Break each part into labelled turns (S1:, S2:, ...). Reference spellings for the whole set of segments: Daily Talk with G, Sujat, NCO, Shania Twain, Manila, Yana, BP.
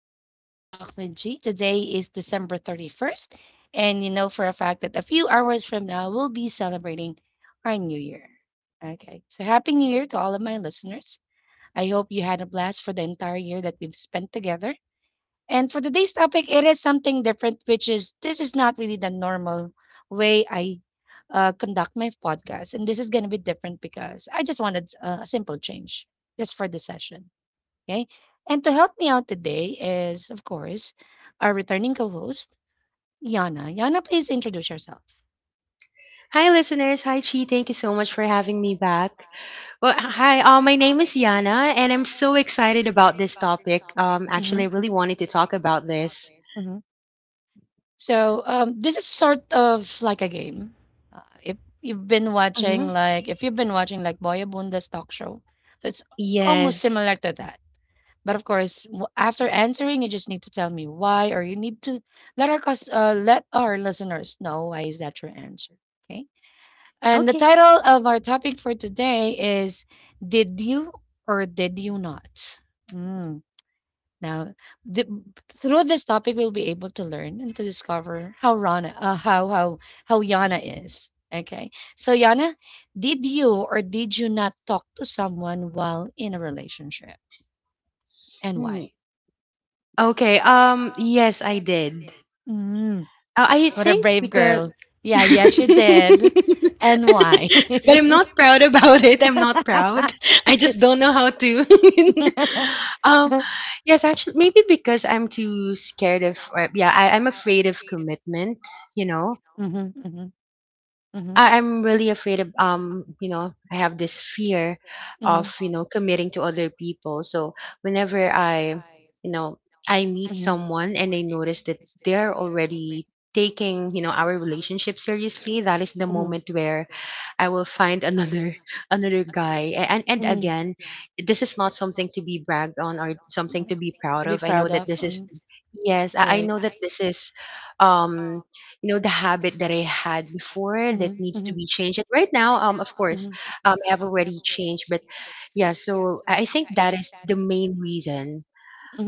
S1: to Daily Talk with G. Today is December 31st, and you know for a fact that a few hours from now, we'll be celebrating our new year. Okay, so happy new year to all of my listeners. I hope you had a blast for the entire year that we've spent together. And for today's topic, it is something different, which is this is not really the normal way I conduct my podcast. And this is going to be different because I just wanted a simple change just for the session. Okay. And to help me out today is, of course, our returning co host, Yana. Yana, please introduce yourself.
S2: Hi, listeners. Hi, Chi. Thank you so much for having me back. Well, hi. My name is Yana, and I'm so excited about this topic.
S1: Hmm.
S2: Actually, I really wanted to talk about this.
S1: Hmm. So, this is sort of like a game. If you've been
S2: Hmm
S1: watching, like, if you've been watching, like, Boya Bunda's talk show, so it's almost, yes,
S2: Yes.
S1: similar to that. But of course, after answering, you just need to tell me why, or you need to let our let our listeners know why is that your answer. Okay. And the
S2: Okay.
S1: title of our topic for today is "Did you or did you not?" Mm. Now, th- through this topic, we'll be able to learn and to discover how Rana, how Yana is. Okay. So Yana, did you or did you not talk to someone while in a relationship, and why?
S2: Hmm. Okay. Yes, I did.
S1: Mm.
S2: I
S1: What a
S2: think
S1: brave
S2: because
S1: girl. Yeah,
S2: but
S1: yes, she did. And why?
S2: I'm not proud about it. I'm not proud. I just don't know how to. um, yes, actually, maybe because I'm too scared of, or yeah, I'm afraid of commitment. You know,
S1: Mhm, mhm, mhm, mhm, mhm,
S2: I'm really afraid of you know, I have this fear
S1: mhm,
S2: of,
S1: mhm.
S2: you know, committing to other people. So whenever you know, I meet someone and I notice that they're already taking, you know, our relationship seriously, that is the moment where I will find another another guy. And again, this is not something to be bragged on or something to be
S1: To
S2: proud
S1: be
S2: of. I
S1: proud
S2: know
S1: of.
S2: that this is
S1: Mhm.
S2: yes, I
S1: Right.
S2: know that this is um you know, the habit that I had before that
S1: Mhm,
S2: needs to
S1: mhm,
S2: be changed. And right now, of course, I have already changed, but yeah, so I think that is the main reason.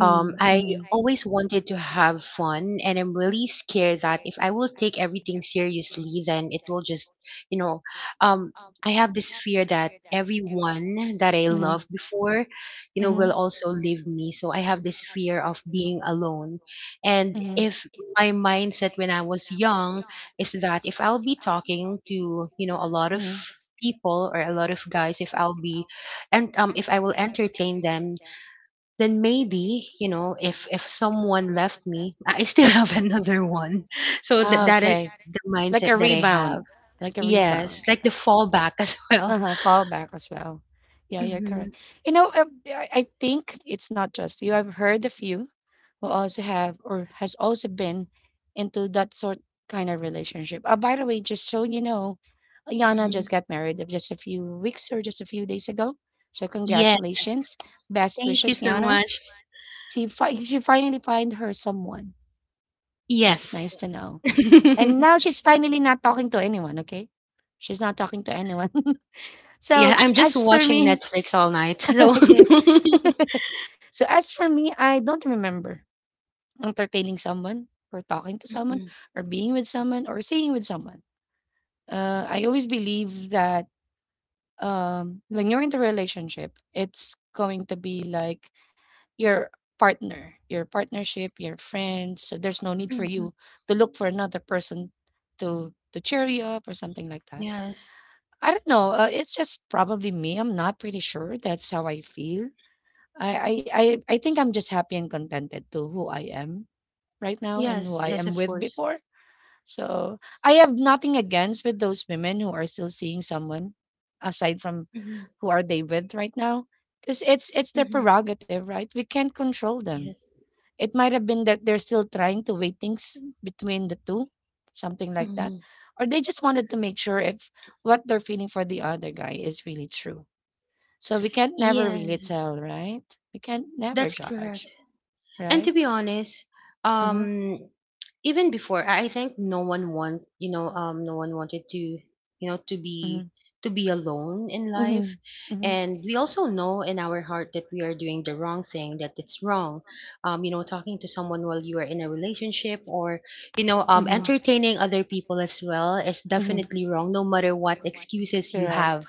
S1: mhm,
S2: I
S1: mhm.
S2: always wanted to have fun, and I'm really scared that if I will take everything seriously, then it will just, you know, um, I have this fear that everyone that I
S1: Hmm.
S2: loved before, you know,
S1: Hmm.
S2: will also leave me. So I have this fear of being alone. And
S1: And. Hmm.
S2: if my mindset when I was young is that if I'll be talking to, you know, a lot of
S1: Hmm.
S2: people or a lot of guys, if I will entertain them, then maybe you know if someone left me I still have another one. So that is the
S1: Like a,
S2: mindset
S1: yeah,
S2: that I have.
S1: rebound. Like a
S2: Yes,
S1: rebound,
S2: like the fallback as
S1: okay.
S2: well.
S1: Uh-huh. Fall, well, back as well. Yeah, you're
S2: Hmm
S1: correct. I think it's not just you. I've heard a few who also have or has also been into that sort kind of relationship. By the way, just so you know, Yana just
S2: hmm
S1: got married of just a few weeks or just a few days ago. So
S2: yeah,
S1: congratulations. Best
S2: thank you
S1: wishes,
S2: so
S1: Yana.
S2: much.
S1: She finally find her someone. That's
S2: Yes.
S1: nice to know. And now she's fi-
S2: Yeah,
S1: so
S2: I'm just watching Netflix all night so.
S1: so as for me, I don't entertain for talking to someone
S2: Mhm,
S1: or being with someone. Uh, uh like your partner, no need for
S2: mhm.
S1: you to look for another person to cheer you up or something like that.
S2: Yes.
S1: I don't know. It's just probably me. I'm not pretty sure. That's how I feel. I, I, I think I'm just happy and contented to who I am right now and who
S2: Yes,
S1: I
S2: yes,
S1: am
S2: of
S1: with
S2: course.
S1: before. So I have nothing against with those women who are still seeing someone aside from
S2: Mhm,
S1: who are they with right now. Because it's their
S2: mhm.
S1: prerogative, right? We can't control them.
S2: Yes.
S1: It might have been that they're still trying to weigh things between the two, something like that.
S2: Mhm.
S1: Or they just wanted to make sure if what they're feeling for the other guy is really true. So we can't never really
S2: Yes,
S1: tell, right? We can't never
S2: that's
S1: judge,
S2: correct.
S1: right?
S2: And to be honest,
S1: Mm-hmm.
S2: um, even before, I think no one want, no one wanted to, you know,
S1: Mm-hmm.
S2: to be alone in
S1: Mm-hmm.
S2: life.
S1: Mm-hmm.
S2: And we also know in our heart that we are doing the wrong thing, that it's wrong. You know, talking to someone while you are in a relationship or, you know, entertaining other people as well is
S1: Mm-hmm. Mm-hmm.
S2: definitely wrong, no matter what excuses you
S1: Correct.
S2: have.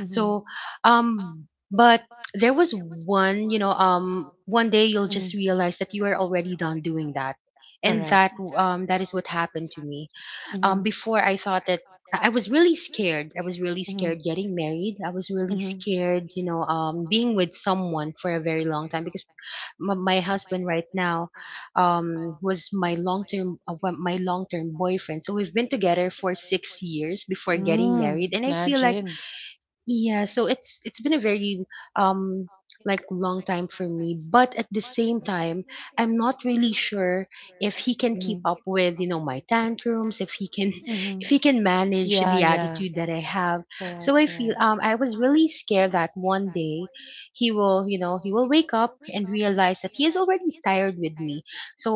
S1: Mm-hmm.
S2: So, but there was one, one day you'll
S1: Mm-hmm.
S2: just realize that you are already done doing that, and
S1: Correct.
S2: that that is what happened to me.
S1: Mm-hmm.
S2: Before I thought that I was really scared. I was really scared getting married. I was really scared, you know, being with someone for a very long time because
S1: Very
S2: my husband right now, was my long term my long term boyfriend. So we've been together for 6 years before getting married,
S1: important. I
S2: and I feel like
S1: imagine.
S2: yeah, so it's been a very um like long time for me, but at the same time, I'm not really sure if he can keep
S1: Mm-hmm.
S2: up
S1: We.
S2: with, you know, my tantrums, if he can
S1: Mm-hmm.
S2: if he can manage the
S1: Guy.
S2: attitude that I have.
S1: Correct,
S2: So I feel
S1: correct.
S2: I was really scared that one day he will, you know, he will wake up and realize that he is already tired with me.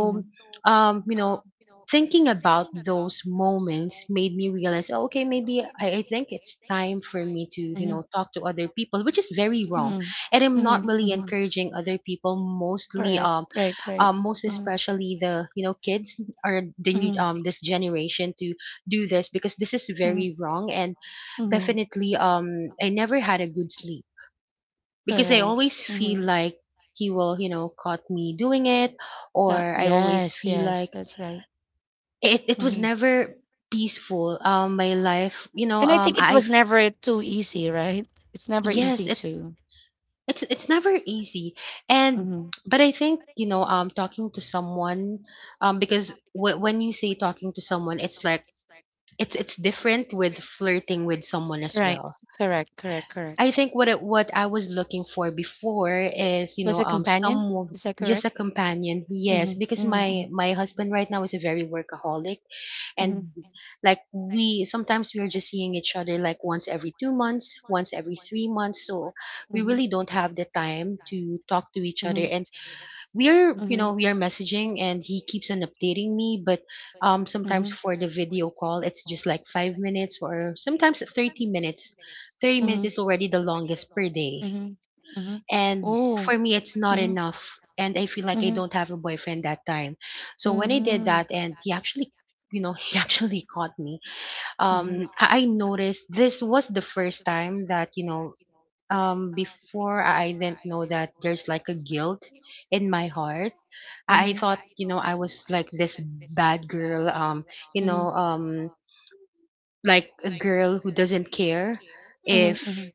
S1: Mm-hmm.
S2: you know, thinking about those moments made me realize, oh, okay, maybe I think it's time for me to, you
S1: To.
S2: know, talk to other people, which is very wrong. And I'm not really encouraging other people, mostly,
S1: Correct.
S2: um,
S1: Right. Right.
S2: um, most
S1: Mm-hmm.
S2: especially the, you know, kids or the new,
S1: Mm-hmm.
S2: this generation to do this because this is
S1: Mm-hmm.
S2: very wrong. And
S1: Mm-hmm.
S2: definitely, I never had a good sleep because I
S1: Correct.
S2: always feel
S1: Mm-hmm.
S2: like he will, you know, caught me doing it,
S1: So,
S2: or I always
S1: yes.
S2: feel
S1: Yes.
S2: like
S1: That's right.
S2: it was
S1: Mm-hmm.
S2: never peaceful my life you know
S1: And I think it
S2: I
S1: was never too easy, right? It's never
S2: Yes
S1: easy
S2: it
S1: to.
S2: it's never easy. And
S1: Mm-hmm.
S2: but I think you know talking to someone because when you say talking to someone it's like it's different with flirting with someone as
S1: Right.
S2: well.
S1: Correct. Correct. Correct.
S2: I think what I was looking for before is you know
S1: Was a companion?
S2: someone
S1: Is that
S2: just a
S1: correct?
S2: companion. Yes,
S1: Mm-hmm.
S2: because
S1: Mm-hmm.
S2: my husband right now is a very workaholic,
S1: Mm-hmm.
S2: and like we sometimes we're just seeing each other like once every 2 months, once every 3 months, so we
S1: Mm-hmm.
S2: really don't have the time to talk to each other.
S1: Mhm,
S2: And we're you know we are messaging and he keeps on updating me, but sometimes
S1: mhm,
S2: for the video call it's just like 5 minutes or sometimes 30 minutes. 30 minutes
S1: mhm,
S2: is already the longest per day,
S1: mhm.
S2: and
S1: Oh.
S2: for me it's not enough. And I feel like I don't have a boyfriend that time. So when I
S1: Mhm,
S2: did that, and he actually you know he actually caught me.
S1: mhm,
S2: I noticed this was the first time that you know before I didn't know that there's like a guilt in my heart. I
S1: mhm,
S2: thought you know I was like this bad girl you
S1: mhm,
S2: know like a girl who doesn't care
S1: mhm, mhm,
S2: if,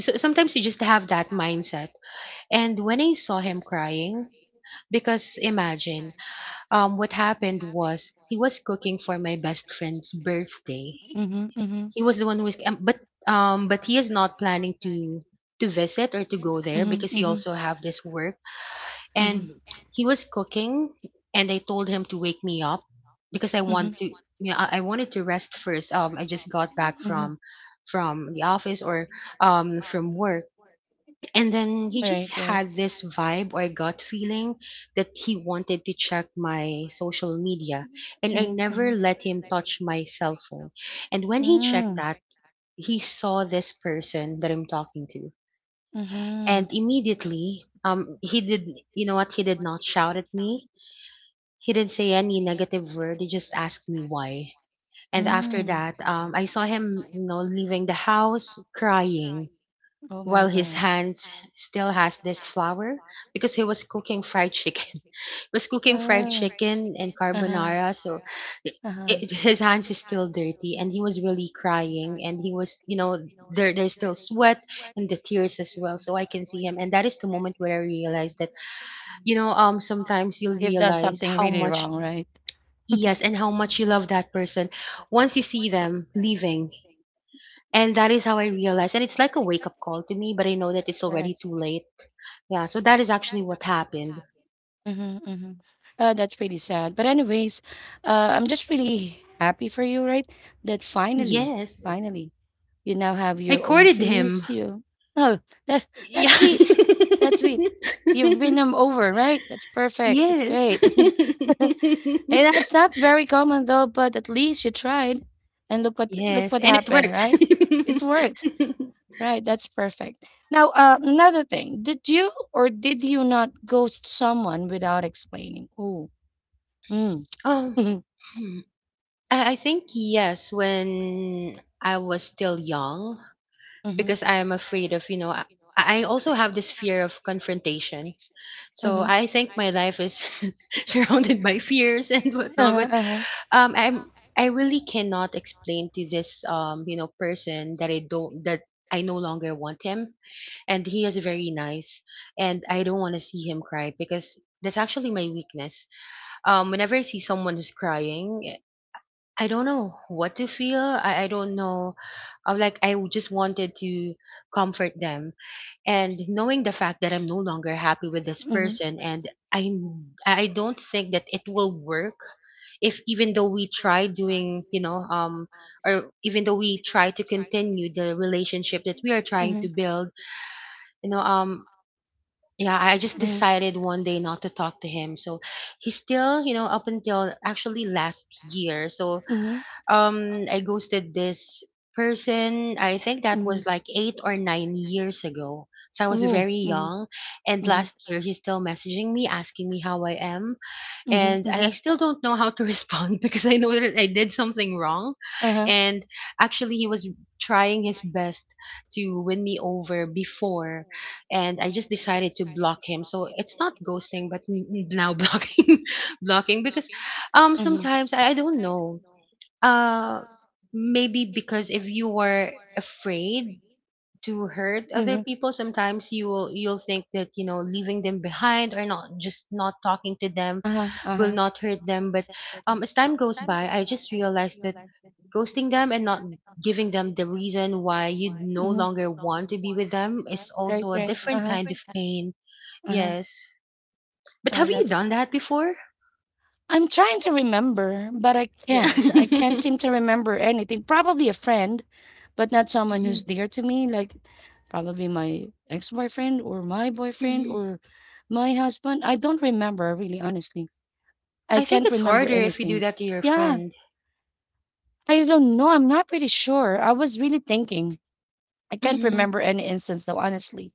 S2: so sometimes you just have that mindset. And when I saw him crying, because imagine what happened was he was cooking for my best friend's birthday.
S1: mhm, mhm,
S2: He was the one who is, but he is not planning to visit or to go there because he also have this work.
S1: mhm.
S2: And he was cooking, and I told him to wake me up because I want to, you know, I wanted to rest first. I just got back from the office or from work, and then he just
S1: Right.
S2: had this vibe or gut feeling that he wanted to check my social media, and I
S1: Mhm.
S2: never let him touch my cell phone. And when he checked
S1: Mm,
S2: that, he saw this person that I'm talking to.
S1: mhm,
S2: And immediately, he did, you know what? He did not shout at me. He didn't say any negative word. He just asked me why. And after
S1: mm.
S2: that, I saw him, you know, leaving the house crying
S1: Oh my
S2: while his
S1: God.
S2: hands still has this flour because he was cooking fried chicken. He was cooking fried chicken and carbonara, so it,
S1: Uh-huh.
S2: his hands is still dirty and he was really crying and he was you know there there's still sweat and the tears as well, so I can see him. And that is the moment where I realized that you know sometimes you'll
S1: Done
S2: realize
S1: something
S2: how
S1: really
S2: much,
S1: wrong, right?
S2: yes, and how much you love that person once you see them leaving. And that is how I realized, and it's like a wake up call to me, but I know that it's already too late. Yeah, so that is actually what happened.
S1: Mm-hmm, mm-hmm. That's pretty sad. But anyways, I'm just really happy for you, right? That finally,
S2: Yes,
S1: finally, you now have
S2: I
S1: your own
S2: courted
S1: peace.
S2: him.
S1: You oh, that's that's
S2: Yeah.
S1: sweet. That's sweet. You've been over, right? That's perfect. That's
S2: Yes.
S1: great. And that's not very common though, but at least you tried. And look what look
S2: Yes,
S1: what
S2: and it
S1: happened,
S2: worked.
S1: right? It worked. Right, that's perfect. Now, another thing. Did you or did you not ghost someone without explaining? Ooh. Mm.
S2: um, hmm, I think yes, when I was still young,
S1: Mm-hmm.
S2: because I am afraid of, you know, I also have this fear of confrontation.
S1: Mm-hmm.
S2: So
S1: Mm-hmm.
S2: I think my life is surrounded by fears and whatnot.
S1: Uh-huh.
S2: But
S1: Uh-huh.
S2: um, I'm I really cannot explain to this you know person that I no longer want him, and he is very nice, and I don't want to see him cry because that's actually my weakness. Whenever I see someone who's crying, I don't know what to feel. I don't know. I'm like, just wanted to comfort them. And knowing the fact that I'm no longer happy with this person, and I don't think that it will work if even though we try doing, you know, or even though we try to continue the relationship that we are trying to build, you know, yeah, I just decided one day not to talk to him. So he's still, you know, up until actually last year. So
S1: Mm-hmm.
S2: I ghosted this person. I think that was like 8 or 9 years ago. So I was
S1: Mm-hmm.
S2: very young. And
S1: Mm-hmm.
S2: last year, he's still messaging me, asking me how I am. And
S1: Mm-hmm.
S2: I still don't know how to respond because I know that I did something wrong.
S1: Uh-huh.
S2: And actually, he was trying his best to win me over before. And I just decided to block him. So it's not ghosting, but now blocking, blocking because
S1: Mm-hmm.
S2: sometimes I don't know. uh, Maybe because if you were afraid to hurt other
S1: Mm-hmm.
S2: people, sometimes you will you'll think that you know leaving them behind or not just not talking to them
S1: Uh-huh.
S2: will
S1: Uh-huh.
S2: not hurt them. But as time goes by, I just realized that ghosting them and not giving them the reason why you no
S1: Mhm,
S2: longer want to be with them is also a different kind of pain.
S1: uh-huh,
S2: Yes, but have you done
S1: that's
S2: that before?
S1: I'm trying to remember, but I
S2: Yeah.
S1: can't. I can't seem to remember anything. Probably a friend, but not someone who's
S2: Mhm.
S1: dear to me, like probably my ex-boyfriend or my boyfriend
S2: Mhm.
S1: or my husband. I don't remember, really, honestly. I
S2: I think
S1: can't
S2: it's
S1: remember
S2: harder if you do
S1: anything.
S2: that to your
S1: Yeah,
S2: friend.
S1: I don't know. I'm not pretty sure. I was really thinking. I can't
S2: Mhm.
S1: remember any instance, though, honestly.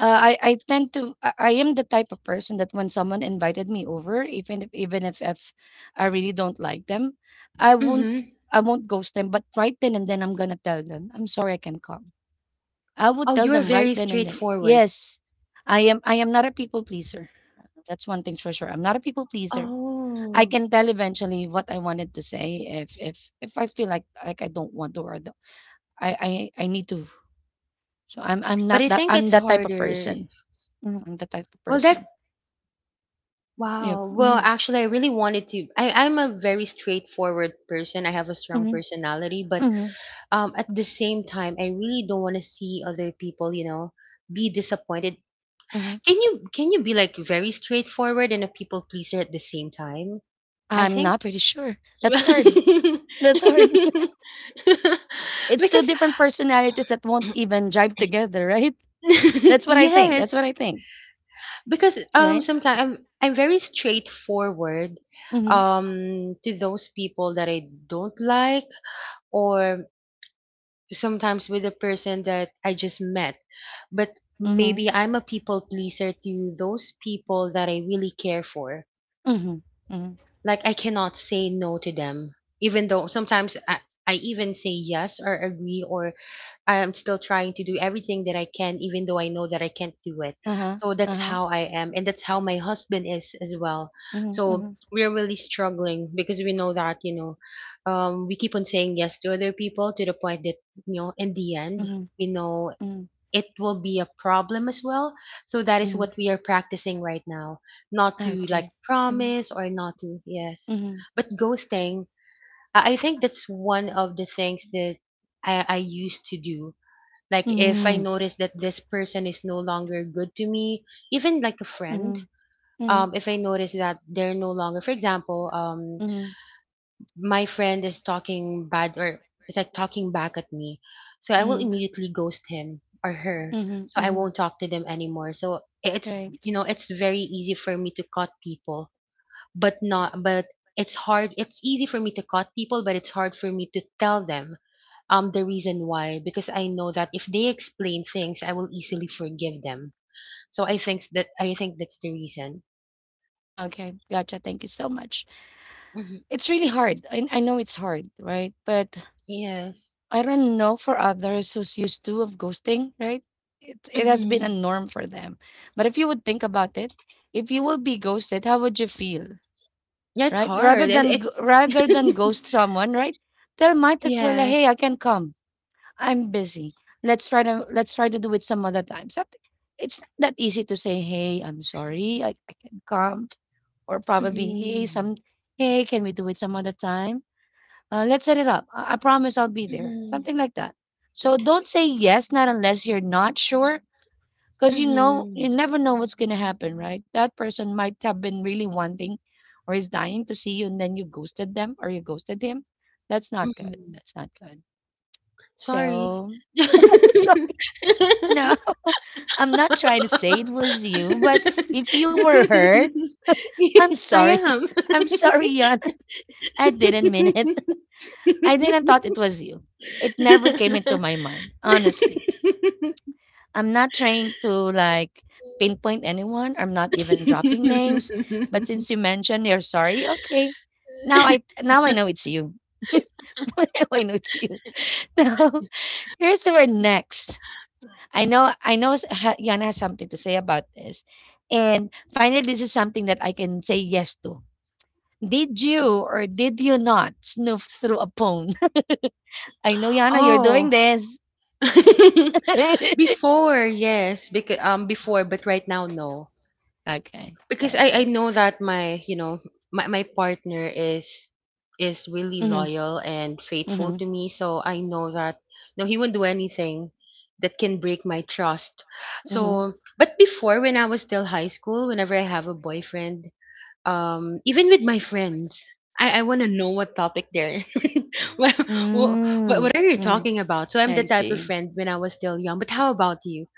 S1: I tend to I am the type of person that when someone invited me over, even if I really don't like them, I won't
S2: Mm-hmm.
S1: I won't ghost them. But right then and then, I'm gonna tell them, I'm sorry, I can't come. I would
S2: Oh,
S1: tell
S2: you are
S1: them right
S2: very
S1: then and then.
S2: straightforward.
S1: Yes, I am not a people pleaser. That's one thing's for sure. I'm not a people pleaser. I
S2: Oh,
S1: can tell eventually what I wanted to say if I feel like I don't want to or I I need to. So I'm
S2: but I
S1: not that.
S2: think
S1: I'm
S2: it's
S1: that type of
S2: harder.
S1: person. Mhm, I'm that type of
S2: Well, that
S1: person. Yep.
S2: wow. Well,
S1: Mhm,
S2: actually, I really wanted to. I'm a very straightforward person. I have a strong
S1: mhm,
S2: personality, but
S1: mhm,
S2: at the same time, I really don't want to see other people, be disappointed.
S1: mhm.
S2: Can you be like very straightforward and a people pleaser at the same time? I
S1: I'm
S2: think.
S1: not pretty sure. That's hard. That's hard. It's two
S2: Because
S1: different personalities that won't even jive together, right? That's what I think. That's what
S2: yes,
S1: I think,
S2: because
S1: right?
S2: sometimes I'm very straightforward
S1: Mm-hmm.
S2: to those people that I don't like or sometimes with a person that I just met, but
S1: Mm-hmm.
S2: maybe I'm a people pleaser to those people that I really care for,
S1: Mm-hmm. Mm-hmm.
S2: like I cannot say no to them, even though sometimes I even say yes or agree, or I am still trying to do everything that I can, even though I know that I can't do it.
S1: Uh-huh.
S2: So that's
S1: Uh-huh.
S2: how I am, and that's how my husband is as well.
S1: Mm-hmm.
S2: So
S1: Mm-hmm.
S2: we're really struggling because we know that we keep on saying yes to other people to the point that in the end
S1: Hmm.
S2: we know
S1: Hmm.
S2: it will be a problem as well. So that is
S1: Hmm.
S2: what we are practicing right now, not to like
S1: Okay. Mm-hmm.
S2: promise or not to yes,
S1: Mm-hmm.
S2: but ghosting. I think that's one of the things that I used to do, like if I
S1: Mm-hmm.
S2: notice that this person is no longer good to me, even like a friend,
S1: Mm-hmm. Mm-hmm.
S2: if I notice that they're no longer, for example,
S1: Mm-hmm.
S2: my friend is talking bad or is like talking back at me, so I will
S1: Mm-hmm.
S2: immediately ghost him or her.
S1: Mm-hmm.
S2: So I
S1: Mm-hmm.
S2: won't talk to them anymore. So it's
S1: Right.
S2: it's very easy for me to cut people, but not but it's hard. It's easy for me to cut people, but it's hard for me to tell them the reason why, because I know that if they explain things, I will easily forgive them. So I think that's the reason.
S1: Okay. Gotcha. Thank you so much.
S2: Hmm.
S1: It's really hard. I know it's hard, right? But
S2: Yes.
S1: I don't know for others who's used to of ghosting, right? It has been a
S2: Hmm.
S1: norm for them. But if you would think about it, if you will be ghosted, how would you feel,
S2: Yeah, it's
S1: right? Rather
S2: hard. It,
S1: than rather than
S2: it
S1: ghost someone, right? They might as well, hey,
S2: Yes.
S1: I can come. I'm busy. Let's try to do it some other time. Something. It's not that easy to say, hey, I'm sorry, I can come, or probably, hey,
S2: Hmm.
S1: can we do it some other time? Let's set it up. I promise I'll be there.
S2: Hmm.
S1: Something like that. So don't say yes, not unless you're not sure, because you
S2: Hmm.
S1: never know what's gonna happen, right? That person might have been really wanting or is dying to see you, and then you ghosted them or you ghosted him. That's not good.
S2: Hmm.
S1: That's not good.
S2: Sorry.
S1: So, sorry. No, I'm not trying to say it was you, but if you were hurt, I'm
S2: I
S1: sorry.
S2: am.
S1: I'm sorry, Yon. I didn't mean it. I didn't thought it was you. It never came into my mind, honestly. I'm not trying to like pinpoint anyone. I'm not even dropping names. But since you mentioned you're sorry, okay. Now I know it's you. Now I know it's you. Now here's our next. I know Yana has something to say about this. And finally, this is something that I can say yes to. Did you or did you not snoop through a phone? I know Yana, you're
S2: Oh,
S1: doing this.
S2: before, yes, because before, but right now no.
S1: Okay,
S2: Because I
S1: gotcha.
S2: know that my, you know, my partner is really
S1: Mm-hmm,
S2: loyal and faithful
S1: mm-hmm,
S2: to me, so I know that no, he won't do anything that can break my trust.
S1: mm-hmm.
S2: So, but before when I was still high school, whenever I have a boyfriend, even with my friends, I want to know what topic they're in. What, what what
S1: Mm,
S2: are you
S1: mm,
S2: talking about? So I'm the
S1: I
S2: type of
S1: see.
S2: friend when I was still young. But how about you?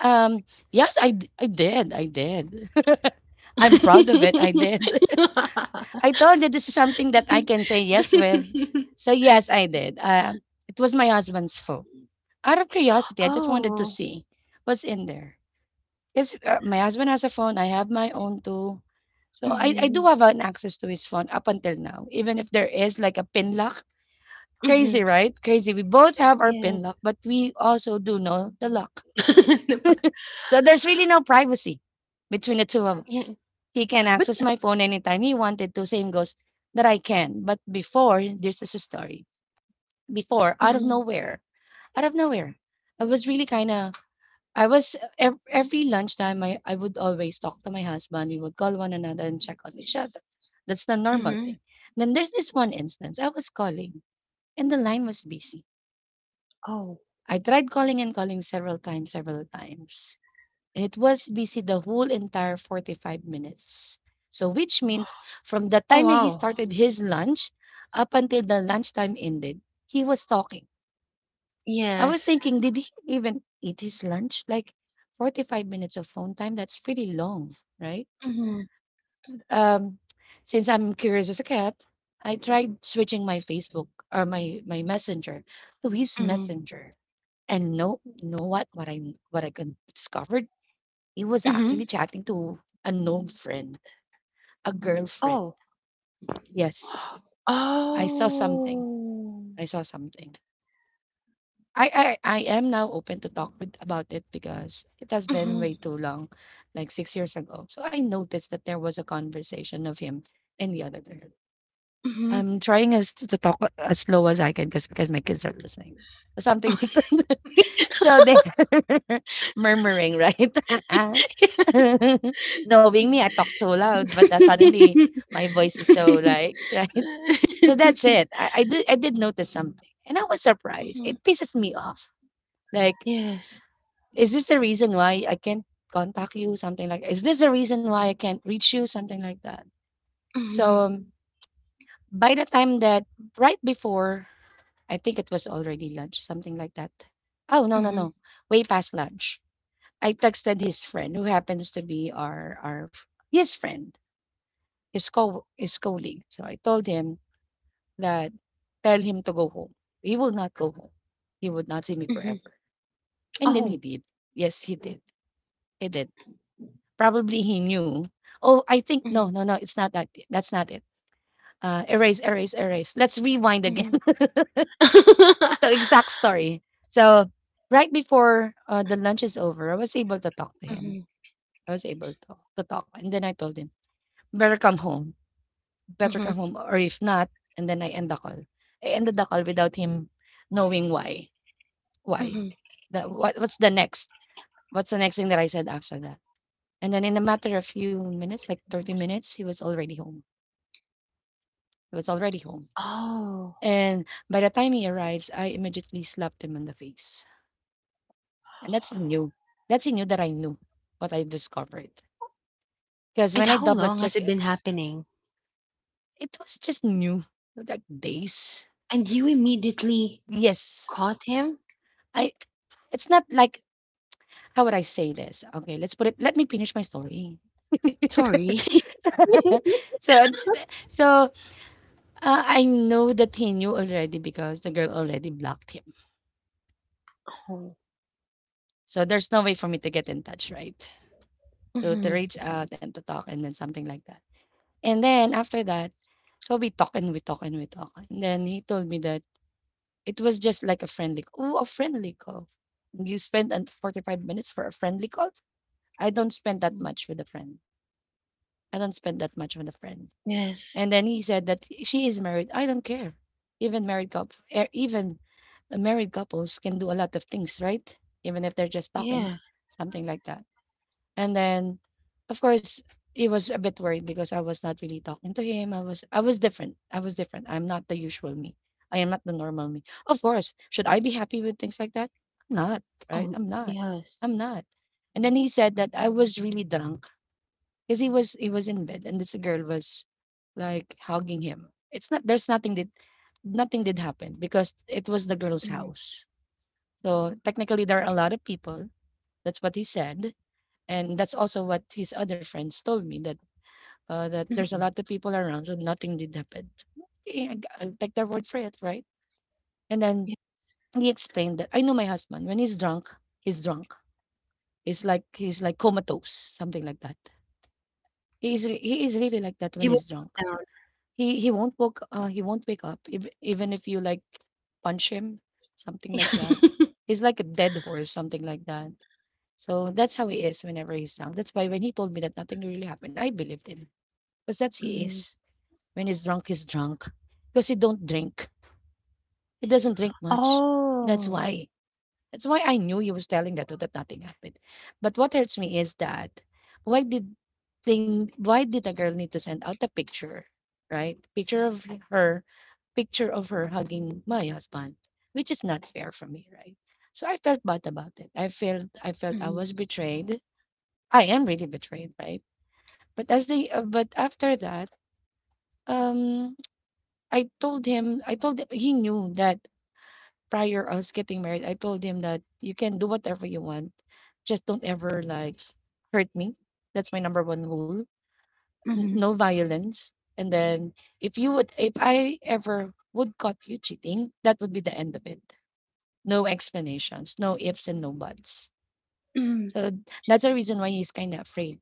S1: Um, yes, I did. I did. I'm proud of it. I did. I told you this is something that I can say yes with. So yes, I did. It was my husband's phone. Out of curiosity, I just wanted to
S2: Oh,
S1: see what's in there. Because my husband has a phone. I have my own too. So I do
S2: mhm,
S1: have an access to his phone up until now. Even if there is like a pin lock.
S2: mhm,
S1: Crazy, right? Crazy. We both have our pin
S2: yes.
S1: lock, but we also do know the lock.
S2: Diba?
S1: So there's really no privacy between the two of
S2: Yeah.
S1: us. He can
S2: But
S1: access my phone anytime he wanted to. Same goes that I can. But before, this is a story. Before, out of
S2: mhm,
S1: nowhere, out of nowhere, I was really kind of, every lunchtime, I would always talk to my husband. We would call one another and check on each other. That's the normal
S2: mhm.
S1: thing. Then there's this one instance. I was calling and the line was busy.
S2: Oh,
S1: I tried calling and calling several times, several times. And it was busy the whole entire 45 minutes. So, which means from the
S2: oh,
S1: time that he
S2: wow,
S1: started his lunch up until the lunchtime ended, he was talking. I was
S2: yes,
S1: thinking, did he even eat his lunch? Like 45 minutes of phone time, that's pretty long, right?
S2: mhm,
S1: Um, since I'm curious as a cat, I tried switching my Facebook or my messenger to his
S2: mhm,
S1: messenger. And no, know what I can discovered. He was actually
S2: mhm.
S1: chatting to an old friend, a girlfriend.
S2: Oh.
S1: Yes, I saw something.
S2: Oh,
S1: I saw something. I am now open to talk with about it because it has been
S2: mhm,
S1: way too long, like 6 years ago. So I noticed that there was a conversation of him and the other girl.
S2: mhm.
S1: I'm trying as to, talk as slow as I can because my kids are listening. Something like that.
S2: Mhm.
S1: So there, murmuring, right? Knowing me, I talk so loud, but suddenly my voice is so like, right? So that's it. I did notice something, and I was surprised. It pisses me off. Like,
S2: Yes.
S1: is this the reason why I can't contact you? Something like, is this the reason why I can't reach you? Something like that.
S2: Mhm,
S1: So by the time that right before, I think it was already lunch, something like that. Oh no no
S2: mhm,
S1: no, way past lunch. I texted his friend who happens to be his friend, his colleague. So I told him that tell him to go home. He will not go home. He would not see me
S2: mhm.
S1: forever. And then he
S2: Oh.
S1: did. Yes, he did. He did. Probably he knew. Oh, I think no,
S2: Mhm,
S1: no, no. It's not that. That's not it. Erase, erase, erase. Let's rewind again.
S2: mhm.
S1: The exact story. So right before the lunch is over, I was able to talk to him.
S2: Mhm,
S1: I was able to talk, and then I told him, better come home,
S2: mhm,
S1: or if not, and then I end the call. I ended the call without him knowing why. Why?
S2: mhm.
S1: The what what's the next? What's the next thing that I said after that? And then in a matter of few minutes, like 30 minutes, he was already home. He was already home.
S2: Oh.
S1: And by the time he arrives, I immediately slapped him on the face. And that's he knew. That's he knew that I knew what I discovered. Because
S2: And
S1: when I
S2: how
S1: double
S2: long has
S1: check,
S2: it
S1: eh,
S2: been happening?
S1: it was just new, like days.
S2: And you immediately
S1: Yes.
S2: caught him?
S1: I, it's not like, how would I say this? Okay, let's put it, let me finish my story.
S2: Sorry.
S1: so so I know that he knew already because the girl already blocked him.
S2: Oh.
S1: So there's no way for me to get in touch, right? To
S2: Mhm,
S1: reach out and to talk and then something like that. And then after that, so we talk. And then he told me that it was just like a friendly call. You spend an 45 minutes for a friendly call? I don't spend that
S2: mhm.
S1: much with a friend. I don't spend that much with a friend.
S2: Yes.
S1: And then he said that she is married. I don't care. Even married couple, even married couples can do a lot of things, right? Even if they're just talking,
S2: Yeah.
S1: something like that. And then, of course, he was a bit worried because I was not really talking to him. I was different. I was different. I'm not the usual me. I am not the normal me. Of course, should I be happy with things like that? I'm not, right?
S2: Oh,
S1: I'm not.
S2: yes.
S1: I'm not. And then he said that I was really drunk because he was in bed and this girl was like hugging him. It's not, there's nothing did nothing did happen because it was the girl's
S2: Mhm,
S1: house. So technically there are a lot of people. That's what he said. And that's also what his other friends told me that that there's a
S2: mhm.
S1: lot of people around, so nothing did happen. Okay, I'll take their word for it, right? And then
S2: Yeah.
S1: he explained that I know my husband. When he's drunk, he's drunk. He's like comatose, something like that. He is really like that when
S2: He was
S1: he's drunk.
S2: shut down.
S1: He won't woke he won't wake up even if you like punch him, something like that. He's like a dead horse, something like that. So that's how he is whenever he's drunk. That's why when he told me that nothing really happened, I believed him because that's he
S2: Mhm.
S1: is. When he's drunk because he don't drink. He doesn't drink much. That's
S2: Oh.
S1: why. That's why I knew he was telling that nothing happened. But what hurts me is that why did why did a girl need to send out a picture, right? Her picture of her hugging my husband, which is not fair for me, right? So I felt bad about it. I felt I
S2: Mm-hmm.
S1: was betrayed. I am really betrayed, right? But as they but after that, um I told, he knew that prior us getting married, I told him that you can do whatever you want. Just don't ever like hurt me. That's my number one rule. No
S2: Mhm,
S1: violence. And then if I ever would caught you cheating, that would be the end of it. No explanations, no ifs and no buts.
S2: mhm.
S1: So that's the reason why he's kind of afraid.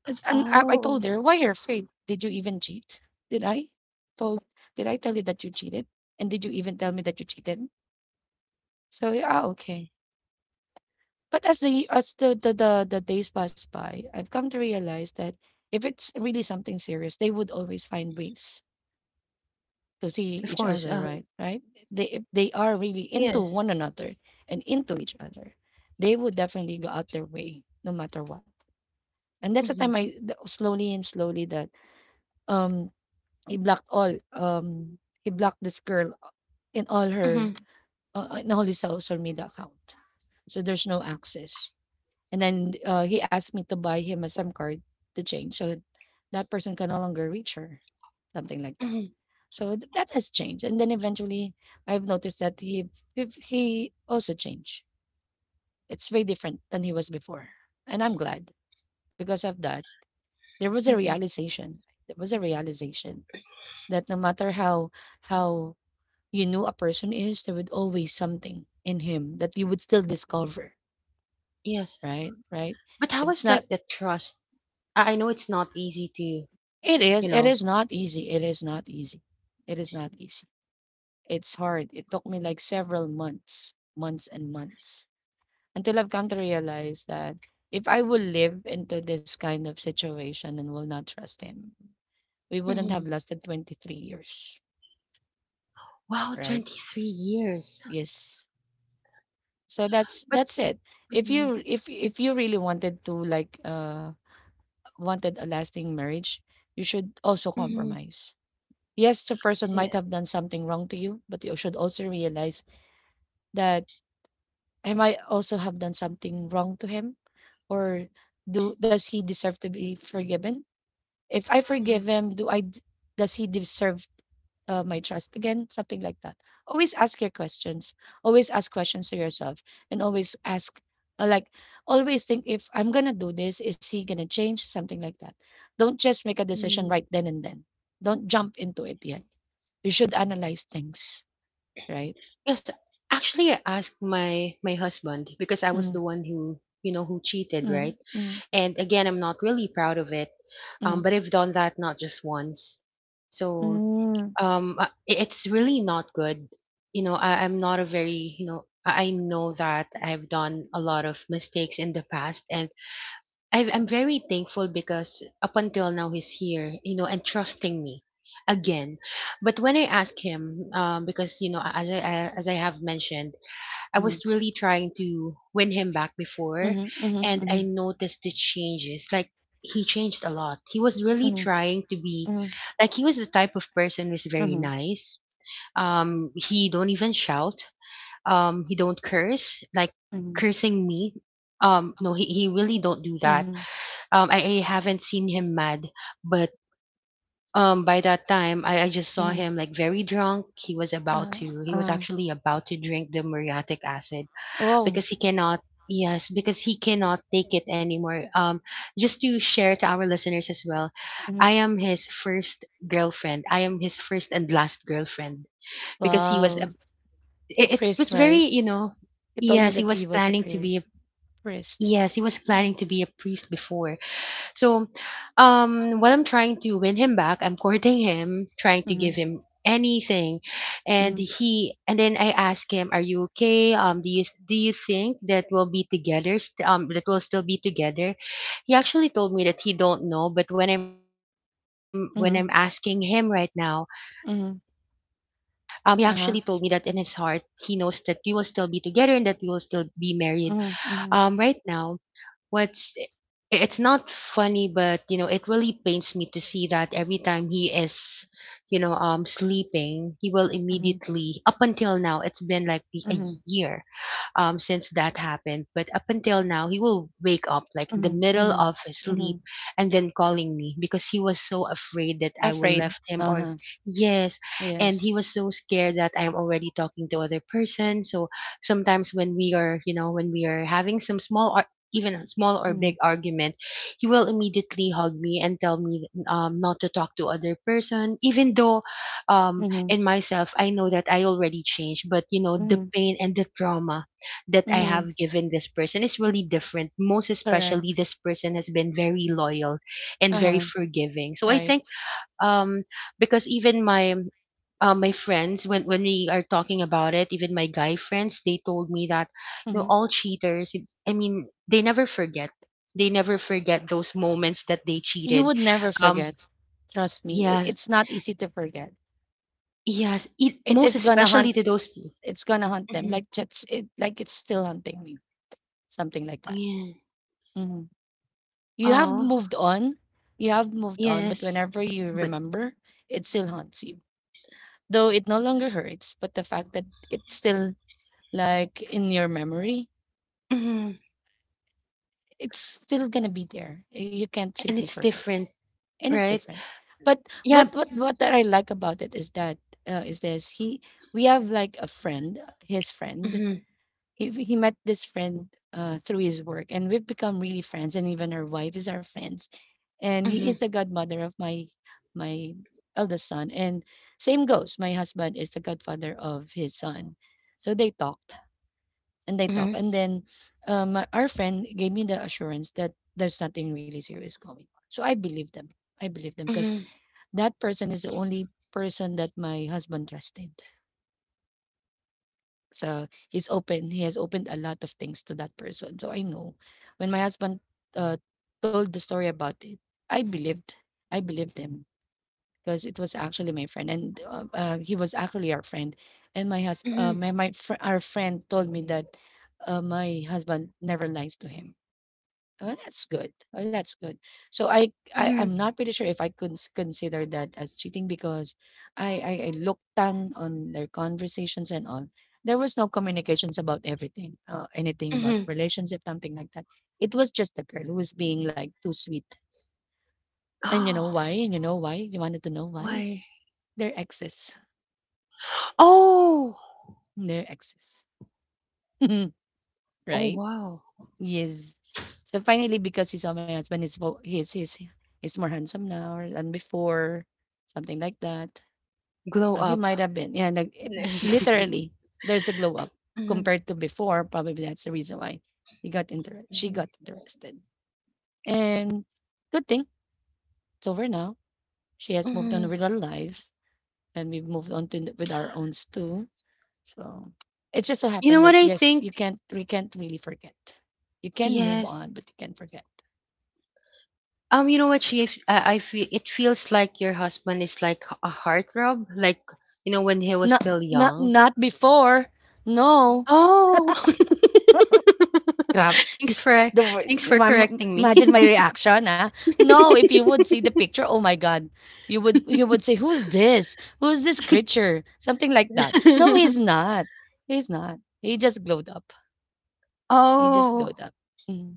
S1: And I told
S2: Oh,
S1: her, why you're afraid? Did you even cheat? Did I told? Did I tell you that you cheated? And did you even tell me that you cheated? So yeah, ah, okay. But as the days pass by, I've come to realize that if it's really something serious, they would always find ways to
S2: of
S1: see
S2: course,
S1: each other, right? Right? They, if they are really
S2: yes.
S1: into one another and into each other, they would definitely go out their way no matter what. And that's the
S2: Mhm,
S1: time slowly and slowly that um he blocked this girl in all her
S2: mhm,
S1: in all his social media account. So there's no access. And then he asked me to buy him a SIM card to change so that person can no longer reach her, something like that.
S2: mhm,
S1: So that has changed. And then eventually, I've noticed that he if he also changed. It's very different than he was before, and I'm glad because of that. There was a
S2: mhm,
S1: realization. There was a realization that no matter how how you knew a person is, there would always something in him that you would still discover.
S2: yes.
S1: Right, right.
S2: But how
S1: It's
S2: is,
S1: not.
S2: like, the trust? I know it's not easy to, you
S1: It is. It
S2: know.
S1: is not easy. It is not easy. It is not easy. It's hard. It took me like several months, months and months until I've come to realize that if I will live into this kind of situation and will not trust him, we wouldn't have
S2: Mhm.
S1: lasted 23 years,
S2: Wow,
S1: right?
S2: 23 years.
S1: Yes. So that's
S2: But
S1: that's it. If
S2: mhm,
S1: you if if you really wanted to like wanted a lasting marriage, you should also
S2: mhm,
S1: compromise. Yes, the person
S2: yeah,
S1: might have done something wrong to you, but you should also realize that I might also have done something wrong to him, or do, does he deserve to be forgiven? If I
S2: mhm,
S1: forgive him, does he deserve my trust again? Something like that. Always ask your questions. Always ask questions to yourself, and always ask like always think if I'm gonna do this, is he gonna change? Something like that. Don't just make a
S2: mhm.
S1: decision right then and then. Don't jump into it yet. You should analyze things. Right?
S2: Yes, actually, I asked my my husband because I was the
S1: Mm,
S2: one who, you know, who cheated, right?
S1: mm,
S2: And again, I'm not really proud of it,
S1: mhm,
S2: but I've done that not just once. So
S1: mm,
S2: it's really not good. You know, I, I'm not a very you know I know that I've done a lot of mistakes in the past, and I'm very thankful because up until now he's here, you know, and trusting me again. But when I ask him, because you know, as I have mentioned, I
S1: mhm,
S2: was really trying to win him back before,
S1: mhm, mhm,
S2: and I
S1: mhm,
S2: noticed the changes. Like, he changed a lot. He was really
S1: mhm,
S2: trying to be
S1: mhm,
S2: like he was the type of person who's very nice. He don't even shout. He don't curse. Like
S1: mhm,
S2: cursing me. No, he really don't do that.
S1: mhm.
S2: I haven't seen him mad, but by that time, I just saw him like very drunk. He was about to he was
S1: Yeah.
S2: actually about to drink the muriatic acid because he cannot yes, because he cannot take it anymore. Just to share to our listeners as well,
S1: Oh, mhm.
S2: I am his first girlfriend. I am his first and last girlfriend because he was
S1: Wow.
S2: a,
S1: A
S2: it
S1: priest,
S2: was
S1: right?
S2: very, you know,
S1: You told me
S2: yes, he was planning to be a
S1: priest.
S2: yes, he was planning
S1: Mm,
S2: to be a priest before. So, while I'm trying to win him back, I'm courting him, trying to give
S1: mhm,
S2: him anything, and
S1: mhm,
S2: he and then I ask him, "Are you okay? Do you think that we'll be together? That we'll still be together?" He actually told me that he don't know, but when I'm asking him right
S1: mhm,
S2: now,
S1: mhm.
S2: he actually told me that in
S1: Uh-huh.
S2: his heart he knows that we will still be together, and that we will still be married.
S1: Mhm, mhm,
S2: Right now what's it's not funny, but you know, it really pains me to see that every time he is, you know, sleeping, he will
S1: mhm,
S2: immediately up until now, it's been like a
S1: mhm,
S2: year since that happened. But up until now, he will wake up like in the
S1: mhm,
S2: middle
S1: mhm,
S2: of his sleep
S1: mhm.
S2: and then calling me because he was so afraid that I will
S1: Afraid.
S2: left him or
S1: Uh-huh.
S2: yes, and
S1: Yes.
S2: he was so scared that I'm already talking to other person. So sometimes when we are, you know, when we are having some small or even a small or big
S1: Mhm,
S2: argument, he will immediately hug me and tell me, not to talk to other person. Even though,
S1: mhm,
S2: in myself, I know that I already changed, but you know, the
S1: mhm,
S2: pain and the trauma that I
S1: mhm.
S2: have given this person is really different. Most especially,
S1: Correct.
S2: this person has been very loyal and very
S1: Uh-huh.
S2: forgiving. So I
S1: Right.
S2: think um, because even my my friends, when we are talking about it, even my guy friends, they told me that you know
S1: Mhm.
S2: all cheaters. I mean, they never forget. They never forget those moments that they
S1: You
S2: cheated.
S1: would never
S2: Um,
S1: forget. Trust me. It,
S2: yes,
S1: it's not easy to forget.
S2: yes. It,
S1: It
S2: most
S1: is gonna
S2: especially
S1: hunt
S2: to those.
S1: it's gonna hunt them,
S2: Mhm.
S1: like that's it, like it's still hunting me, something like
S2: Oh,
S1: that.
S2: yeah.
S1: Mhm. You have
S2: Oh,
S1: moved on, you have moved on, but
S2: yes.
S1: whenever you
S2: But.
S1: remember, it still haunts you. Though it no longer hurts, but the fact that it's still like in your memory,
S2: Mm-hmm,
S1: it's still gonna be there. You can't
S2: and
S1: simply
S2: it's
S1: forget,
S2: different,
S1: and it's
S2: right?
S1: different. But what
S2: Yeah.
S1: what what that I like about it is that is this he, we have like a friend, his friend.
S2: Mm-hmm,
S1: He met this friend through his work, and we've become really friends. And even our wife is our friends. And he
S2: mm-hmm,
S1: is the godmother of my eldest son. And same goes. My husband is the godfather of his son. So they
S2: mm-hmm,
S1: talked, and then our friend gave me the assurance that there's nothing really serious going on. So I believe them. I believe them because
S2: mm-hmm,
S1: that person is the only person that my husband trusted. So he's open. He has opened a lot of things to that person. So I know when my husband uh, told the story about it, I believed. I believed him because it was actually my friend, and he was actually our friend. And my husband,
S2: mm-hmm,
S1: our friend told me that my husband never lies to him. Oh, that's good. Oh, that's good. So I, I
S2: mm-hmm,
S1: I'm not pretty sure if I could consider that as cheating because I looked down on their conversations and all. There was no communications about everything, anything about
S2: mm-hmm.
S1: relationship, something like that. It was just the girl who was being like too sweet. And you
S2: Oh,
S1: know why? And you know why? You wanted to know why?
S2: why?
S1: Their exes.
S2: Oh,
S1: Their exes.
S2: oh,
S1: Right?
S2: wow.
S1: Yes. So finally, because he saw my husband is he's he's more handsome now than before, something like that.
S2: Glow
S1: So he
S2: up.
S1: might have been, yeah, like,
S2: Mm-hmm,
S1: literally, there's a glow up compared to before. Probably that's the reason why he got inter she
S2: mm-hmm,
S1: got interested. And good thing it's over now. She has moved
S2: mm-hmm.
S1: on with our lives, and we've moved on to with our own too. So it just so
S2: You know
S1: happened
S2: what
S1: that
S2: I
S1: yes,
S2: think?
S1: you can't we can't really forget. You can move
S2: Yes.
S1: on, but you can't forget.
S2: You know what, I feel it feels like your husband is like a heartthrob, like you know when he was
S1: Not
S2: still young.
S1: before. No.
S2: Oh,
S1: Grab.
S2: thanks for
S1: The wor-
S2: thanks for correcting me.
S1: Imagine my reaction, ah. No, if you would see the picture, oh my God, you would say, "Who's this? Who's this creature?" Something like that. No, he's not. He's not. He just glowed up. Just
S2: Oh.
S1: glowed up. Mm.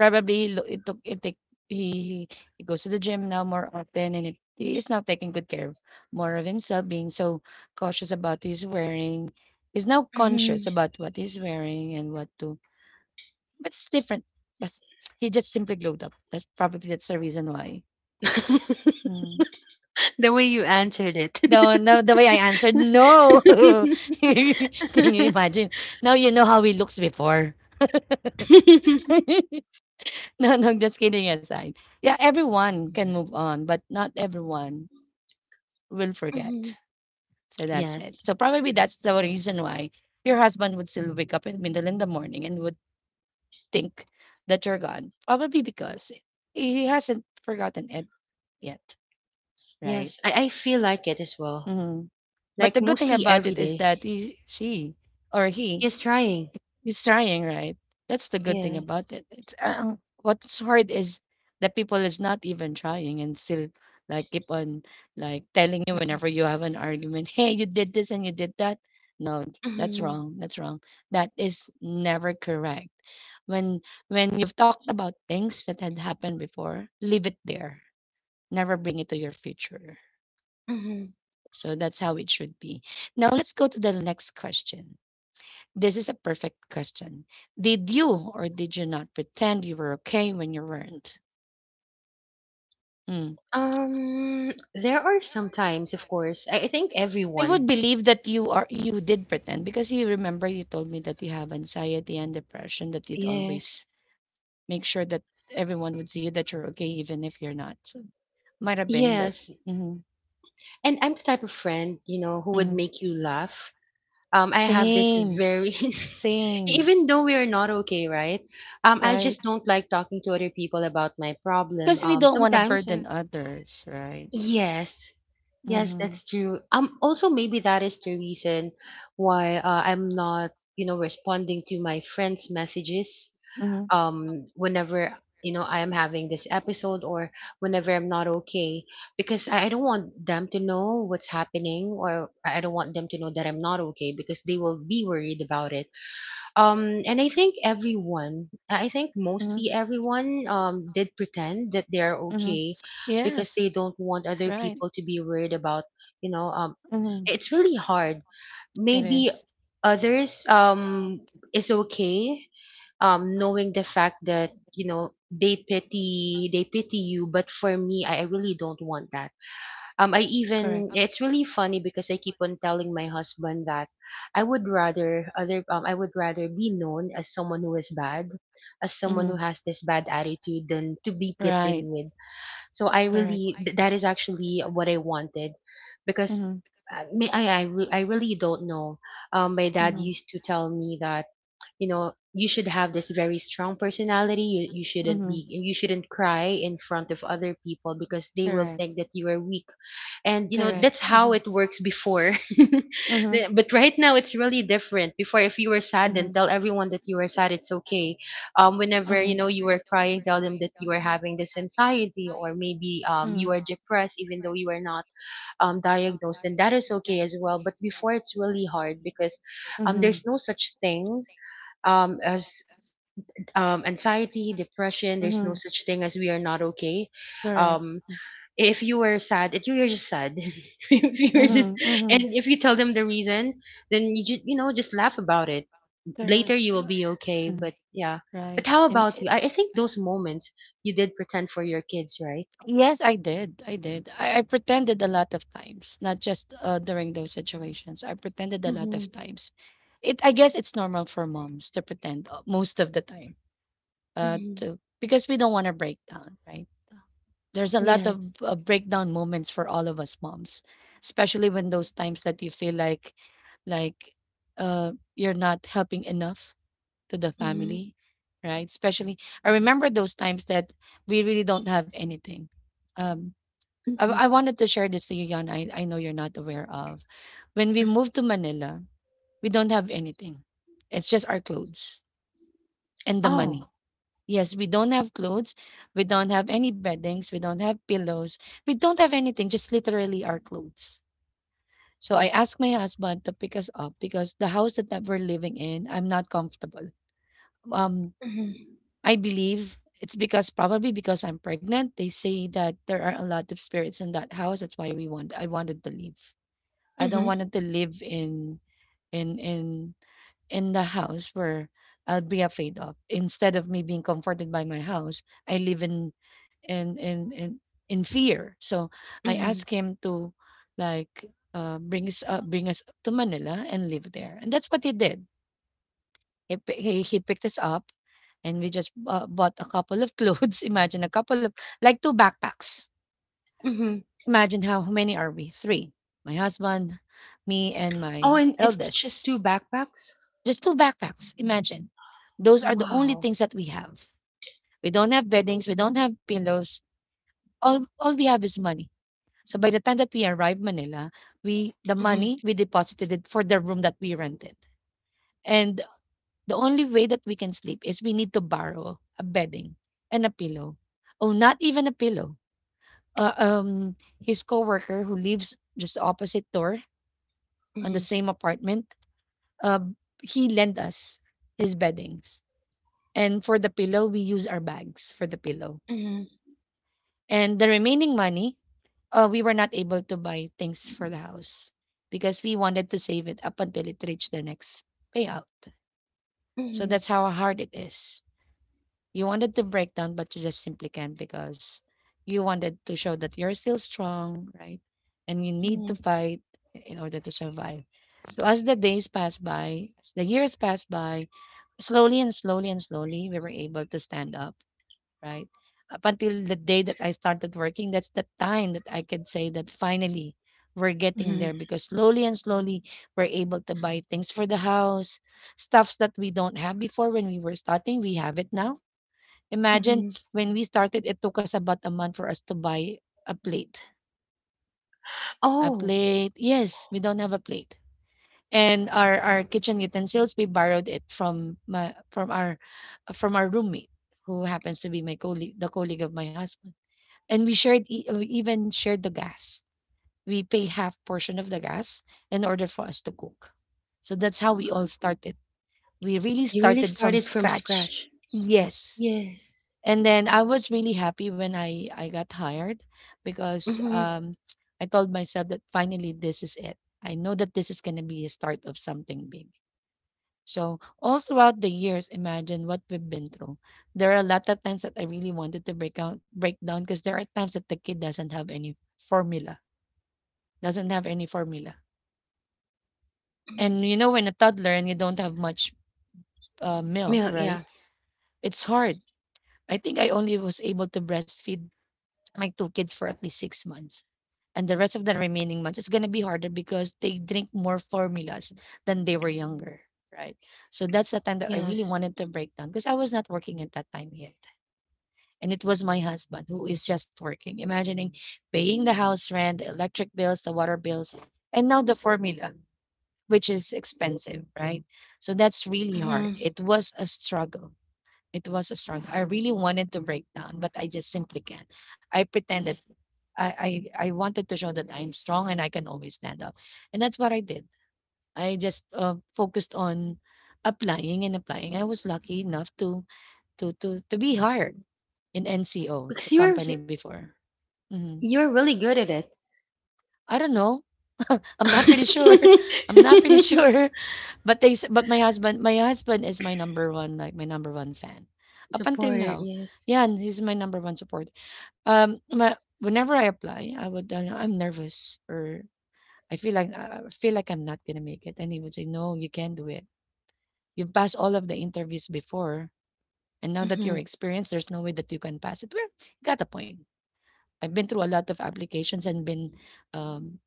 S1: Probably lo it took it take he goes to the gym now more often, and it he is now taking good care of more of himself, being so cautious about his wearing. He's now
S2: Mhm.
S1: conscious about what he's wearing and what to, but it's different. That's, he just simply glowed up. That's probably that's the reason why. Mm.
S2: The way you answered it.
S1: No, no, the way I answered, no. Can you imagine? Now you know how he looks before. No, no, just kidding aside. Yeah, everyone can move on, but not everyone will forget.
S2: Mhm.
S1: So that's it.
S2: Yes.
S1: So probably that's the reason why your husband would still wake up in middle in the morning and would think that you're gone. Probably because he hasn't forgotten it yet, right?
S2: Yes, I feel like it as well.
S1: Hmm. But
S2: Like
S1: the good thing
S2: mostly
S1: about
S2: every
S1: it is
S2: day.
S1: that he, she or he,
S2: He's trying.
S1: he's trying, right? That's the good thing about
S2: Yes.
S1: it. It's what's hard is that people is not even trying and still like keep on like telling you whenever you have an argument, hey, you did this and you did that. No, that's
S2: Mhm.
S1: wrong. That's wrong. That is never correct. When you've talked about things that had happened before, leave it there. Never bring it to your future.
S2: Mhm.
S1: So that's how it should be. Now let's go to the next question. This is a perfect question. Did you or did you not pretend you were okay when you weren't? Mm.
S2: There are some times, of course. I think
S1: I would
S2: everyone.
S1: believe that you did pretend because you remember you told me that you have anxiety and depression that you'd
S2: Yes.
S1: always make sure that everyone would see you that you're okay even if you're not. So might have been that.
S2: Yes.
S1: Mhm,
S2: And I'm the type of friend, you know, who would
S1: mhm.
S2: make you laugh. I have this
S1: Same,
S2: very
S1: same,
S2: even though we are not okay, right? I
S1: right?
S2: just don't like talking to other people about my problem. Sometimes I'm
S1: Others, right?
S2: yes, yes,
S1: Mm-hmm,
S2: that's true. Also maybe that is the reason why, I'm not, you know, responding to my friends' messages
S1: mm-hmm,
S2: whenever you know I am having this episode or whenever I'm not okay, because I don't want them to know what's happening, or I don't want them to know that I'm not okay because they will be worried about it. And I think everyone I think
S1: mm-hmm,
S2: mostly everyone did pretend that they are
S1: mm-hmm.
S2: okay because
S1: Yes,
S2: they don't want other
S1: right.
S2: people to be worried about, you know,
S1: Mm-hmm.
S2: it's really hard. Maybe
S1: Yes,
S2: others is okay, knowing the fact that you know they pity you, but for me, I really don't want that. I
S1: correct.
S2: even it's really funny because I keep on telling my husband that I would rather be known as someone who is bad, as someone who
S1: Mm-hmm.
S2: has this bad attitude, than to be pitied
S1: Right,
S2: with. So I
S1: correct.
S2: really that is actually what I wanted, because
S1: Mhm,
S2: I really don't know. My dad
S1: mhm,
S2: used to tell me that you know you should have this very strong personality. You shouldn't
S1: mhm.
S2: be you shouldn't cry in front of other people because they will think that you are weak. And you know
S1: Correct.
S2: that's how it works before.
S1: Mhm,
S2: But right now it's really different. Before, if you were sad, then tell everyone that you were sad, it's okay. Whenever you know you were crying, tell them that you were having this anxiety, or maybe you are depressed even though you are not diagnosed, then that is okay as well. But before it's really hard because there's
S1: mhm,
S2: no such thing as anxiety depression, there's no
S1: mhm.
S2: such thing as we are not okay.
S1: Correct.
S2: um if you were sad, if you were just sad, if you were just,
S1: Mhm, mhm.
S2: and if you tell them the reason, then you just you know just laugh about it later,
S1: Correct.
S2: you will be okay. But yeah, but
S1: Right.
S2: how
S1: And
S2: about you? I think those moments you did pretend for your kids, right?
S1: oh, yes, I did. I did. I pretended a lot of times, not just during those situations. I pretended a lot
S2: Mm-hmm.
S1: of times. It. I guess it's normal for moms to pretend most of the time.
S2: Hmm.
S1: To because we don't want to break down, right? There's a lot of
S2: Yes.
S1: breakdown moments for all of us moms, especially when those times that you feel like, like, uh, you're not helping enough to the
S2: Hmm.
S1: family, right? Especially, I remember those times that we really don't have anything. Um, I,
S2: Hmm.
S1: I wanted to share this to you, Yana. I know you're not aware of. When we moved to Manila, we don't have anything. It's just our clothes and the money.
S2: Oh.
S1: Yes, we don't have clothes. We don't have any beddings. We don't have pillows. We don't have anything, just literally our clothes. So I asked my husband to pick us up because the house that we're living in, I'm not comfortable. Um,
S2: Hmm.
S1: I believe it's because probably because I'm pregnant. They say that there are a lot of spirits in that house. That's why we want I wanted to leave. I don't
S2: Hmm.
S1: wanted to live in in in the house where I'll be afraid of. Instead of me being comforted by my house, I live in in in, in fear. So I
S2: Hmm.
S1: asked him to like bring us to Manila and live there, and that's what he did. He picked us up and we just bought a couple of clothes. Imagine a couple of, like two backpacks.
S2: Hmm.
S1: Imagine how many are we? Three. My husband, me, and
S2: Oh,
S1: my
S2: and it's just
S1: eldest.
S2: two backpacks.
S1: Just two backpacks. Imagine. Those are the only
S2: Wow.
S1: things that we have. We don't have beddings. We don't have pillows. All we have is money. So by the time that we arrived Manila, we the money, we deposited it for the room that we rented. And the only way that we can sleep is we need to borrow a bedding and a pillow. Oh, not even a pillow. uh, um his coworker who lives just opposite door on the
S2: Mhm,
S1: same apartment, uh he lent us his beddings, and for the pillow we use our bags for the pillow.
S2: mhm,
S1: And the remaining money, we were not able to buy things for the house because we wanted to save it up until it reached the next payout. So
S2: mhm,
S1: that's how hard it is. You wanted to break down, but you just simply can't because you wanted to show that you're still strong, right? And you need to
S2: mhm,
S1: fight in order to survive. So as the days pass by, as the years pass by, slowly and slowly and slowly, we were able to stand up, right? Up until the day that I started working, that's the time that I could say that finally we're getting
S2: mhm,
S1: there, because slowly and slowly we're able to buy things for the house, stuffs that we don't have before. When we were starting, we have it now. Imagine
S2: mhm.
S1: when we started, it took us about a month for us to buy a plate. A
S2: Oh,
S1: plate. Yes, we don't have a plate. And our kitchen utensils, we borrowed it from my from our roommate, who happens to be my colleague, the colleague of my husband. And we even shared the gas. We pay half portion of the gas in order for us to cook. So that's how we all started. We really
S2: you really
S1: started from
S2: started from
S1: scratch.
S2: scratch.
S1: Yes.
S2: Yes.
S1: And then I was really happy when I got hired because
S2: Mm-hmm.
S1: I told myself that finally this is it. I know that this is going to be a start of something big. So all throughout the years, imagine what we've been through. There are a lot of times that I really wanted to break down, because there are times that the kid doesn't have any formula, doesn't have any formula.
S2: Mm-hmm.
S1: And you know, when a toddler and you don't have much
S2: Yeah,
S1: milk,
S2: yeah.
S1: right? It's hard. I think I only was able to breastfeed my two kids for at least 6 months, and the rest of the remaining months it's going to be harder because they drink more formulas than they were younger, right? So that's the time that I really
S2: Yes.
S1: wanted to break down because I was not working at that time yet, and it was my husband who is just working. Imagining paying the house rent, the electric bills, the water bills, and now the formula, which is expensive, right? So that's really
S2: Mm-hmm.
S1: hard. It was a struggle. It was a struggle. I really wanted to break down, but I just simply can't. I pretended. I wanted to show that I'm strong and I can always stand up. And that's what I did. I just focused on applying and applying. I was lucky enough to be hired in NCO, the
S2: Because
S1: company before. Mhm.
S2: you're really good at it.
S1: I don't know. I'm not pretty sure. I'm not pretty sure. But but my husband is my number one, like my number one fan. Up until
S2: Supporter,
S1: now.
S2: yes.
S1: Yeah, and he's my number one support. My whenever I apply, I would I'm nervous or I feel like I'm not gonna make it. And he would say, No, you can do it. You've passed all of the interviews before. And now that you're
S2: Mm-hmm.
S1: experienced, there's no way that you can pass it. Well, you got a point. I've been through a lot of applications and been um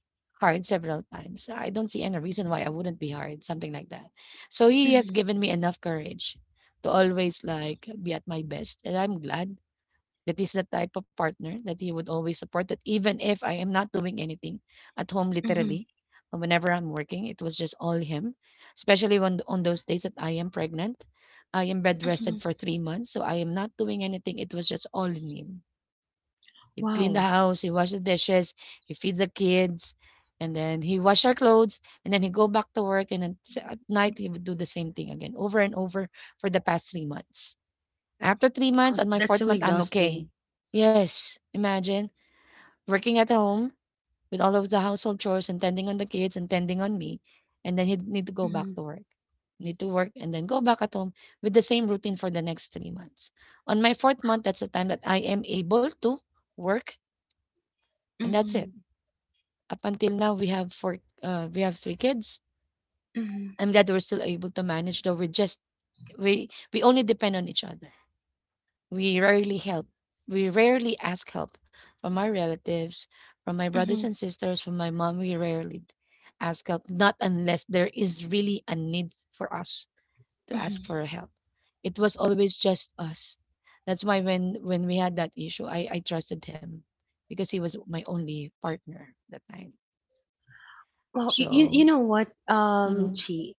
S1: hired several times. I don't see any reason why I wouldn't be hired, something like that. So he has
S2: Mm-hmm.
S1: given me enough courage to always like be at my best. And I'm glad that is the type of partner that he would always support that even if I am not doing anything at home
S2: Mm-hmm.
S1: literally, whenever I'm working, it was just all him. Especially when on those days that I am pregnant. I am bed rested
S2: Hmm.
S1: for 3 months, so I am not doing anything. It was just all in him. He cleaned the
S2: Wow.
S1: house, he washed the dishes, he feed the kids, and then he wash our clothes, and then he go back to work, and then at night he would do the same thing again, over and over for the past 3 months. After 3 months,
S2: Oh,
S1: on my
S2: that's
S1: fourth
S2: so
S1: month, I'm
S2: exhausting.
S1: okay. Yes, imagine working at home with all of the household chores and tending on the kids and tending on me. And then he'd need to go
S2: Mm-hmm.
S1: back to work. Need to work and then go back at home with the same routine for the next 3 months. On my fourth month, that's the time that I am able to work. And that's it.
S2: Mm-hmm.
S1: Up until now, we have three kids.
S2: Mm-hmm.
S1: I'm glad we're still able to manage, though we only depend on each other. We rarely help. We rarely ask help from our relatives, from my brothers
S2: Mm-hmm.
S1: and sisters, from my mom. We rarely ask help, not unless there is really a need for us to ask
S2: Mm-hmm.
S1: for help. It was always just us. That's why when we had that issue, I trusted him because he was my only partner that time.
S2: Well, you
S1: So.
S2: know what, Chi?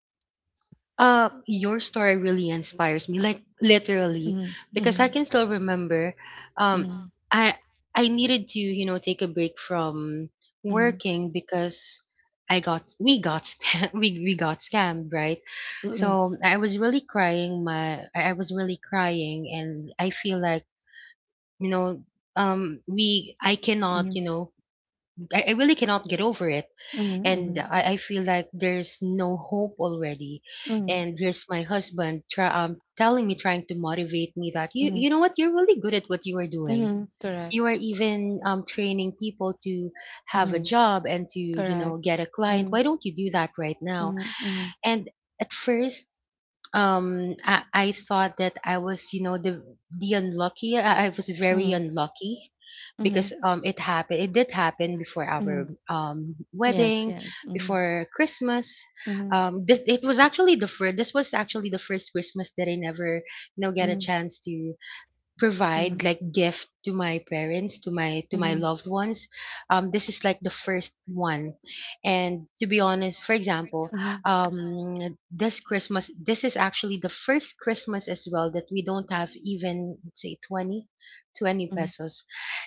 S2: Your story really inspires me, like literally,
S1: Mhm,
S2: because I
S1: mhm,
S2: can still remember, um,
S1: mhm,
S2: I I needed to, you know, take a break from
S1: mhm,
S2: working because I got we got scam we got scammed, right?
S1: mhm,
S2: So I was really crying. My I was really crying, and I feel like you know, we I cannot, you know, I really cannot get over it.
S1: mhm,
S2: And
S1: mhm,
S2: I feel like there's no hope already,
S1: mhm,
S2: and here's my husband telling me, trying to motivate me, that
S1: mhm, mhm,
S2: you know what you're really good at what you are doing. You are even training people to have a
S1: mhm,
S2: job and to you know get a client. Why don't you do that right now?
S1: mhm.
S2: And at first I thought that I was you know the unlucky. I was very unlucky
S1: Mhm.
S2: because it did happen before our
S1: Yes.
S2: wedding,
S1: Mm-hmm.
S2: before Christmas.
S1: Mm-hmm.
S2: This it was actually the first This was actually the first Christmas that I never you know get a
S1: Mhm,
S2: chance to provide
S1: mhm,
S2: like gift to my parents, to my
S1: mhm,
S2: loved ones. This is like the first one, and to be honest, for example, um this is actually the first Christmas as well that we don't have, even let's say, 20
S1: mhm,
S2: pesos.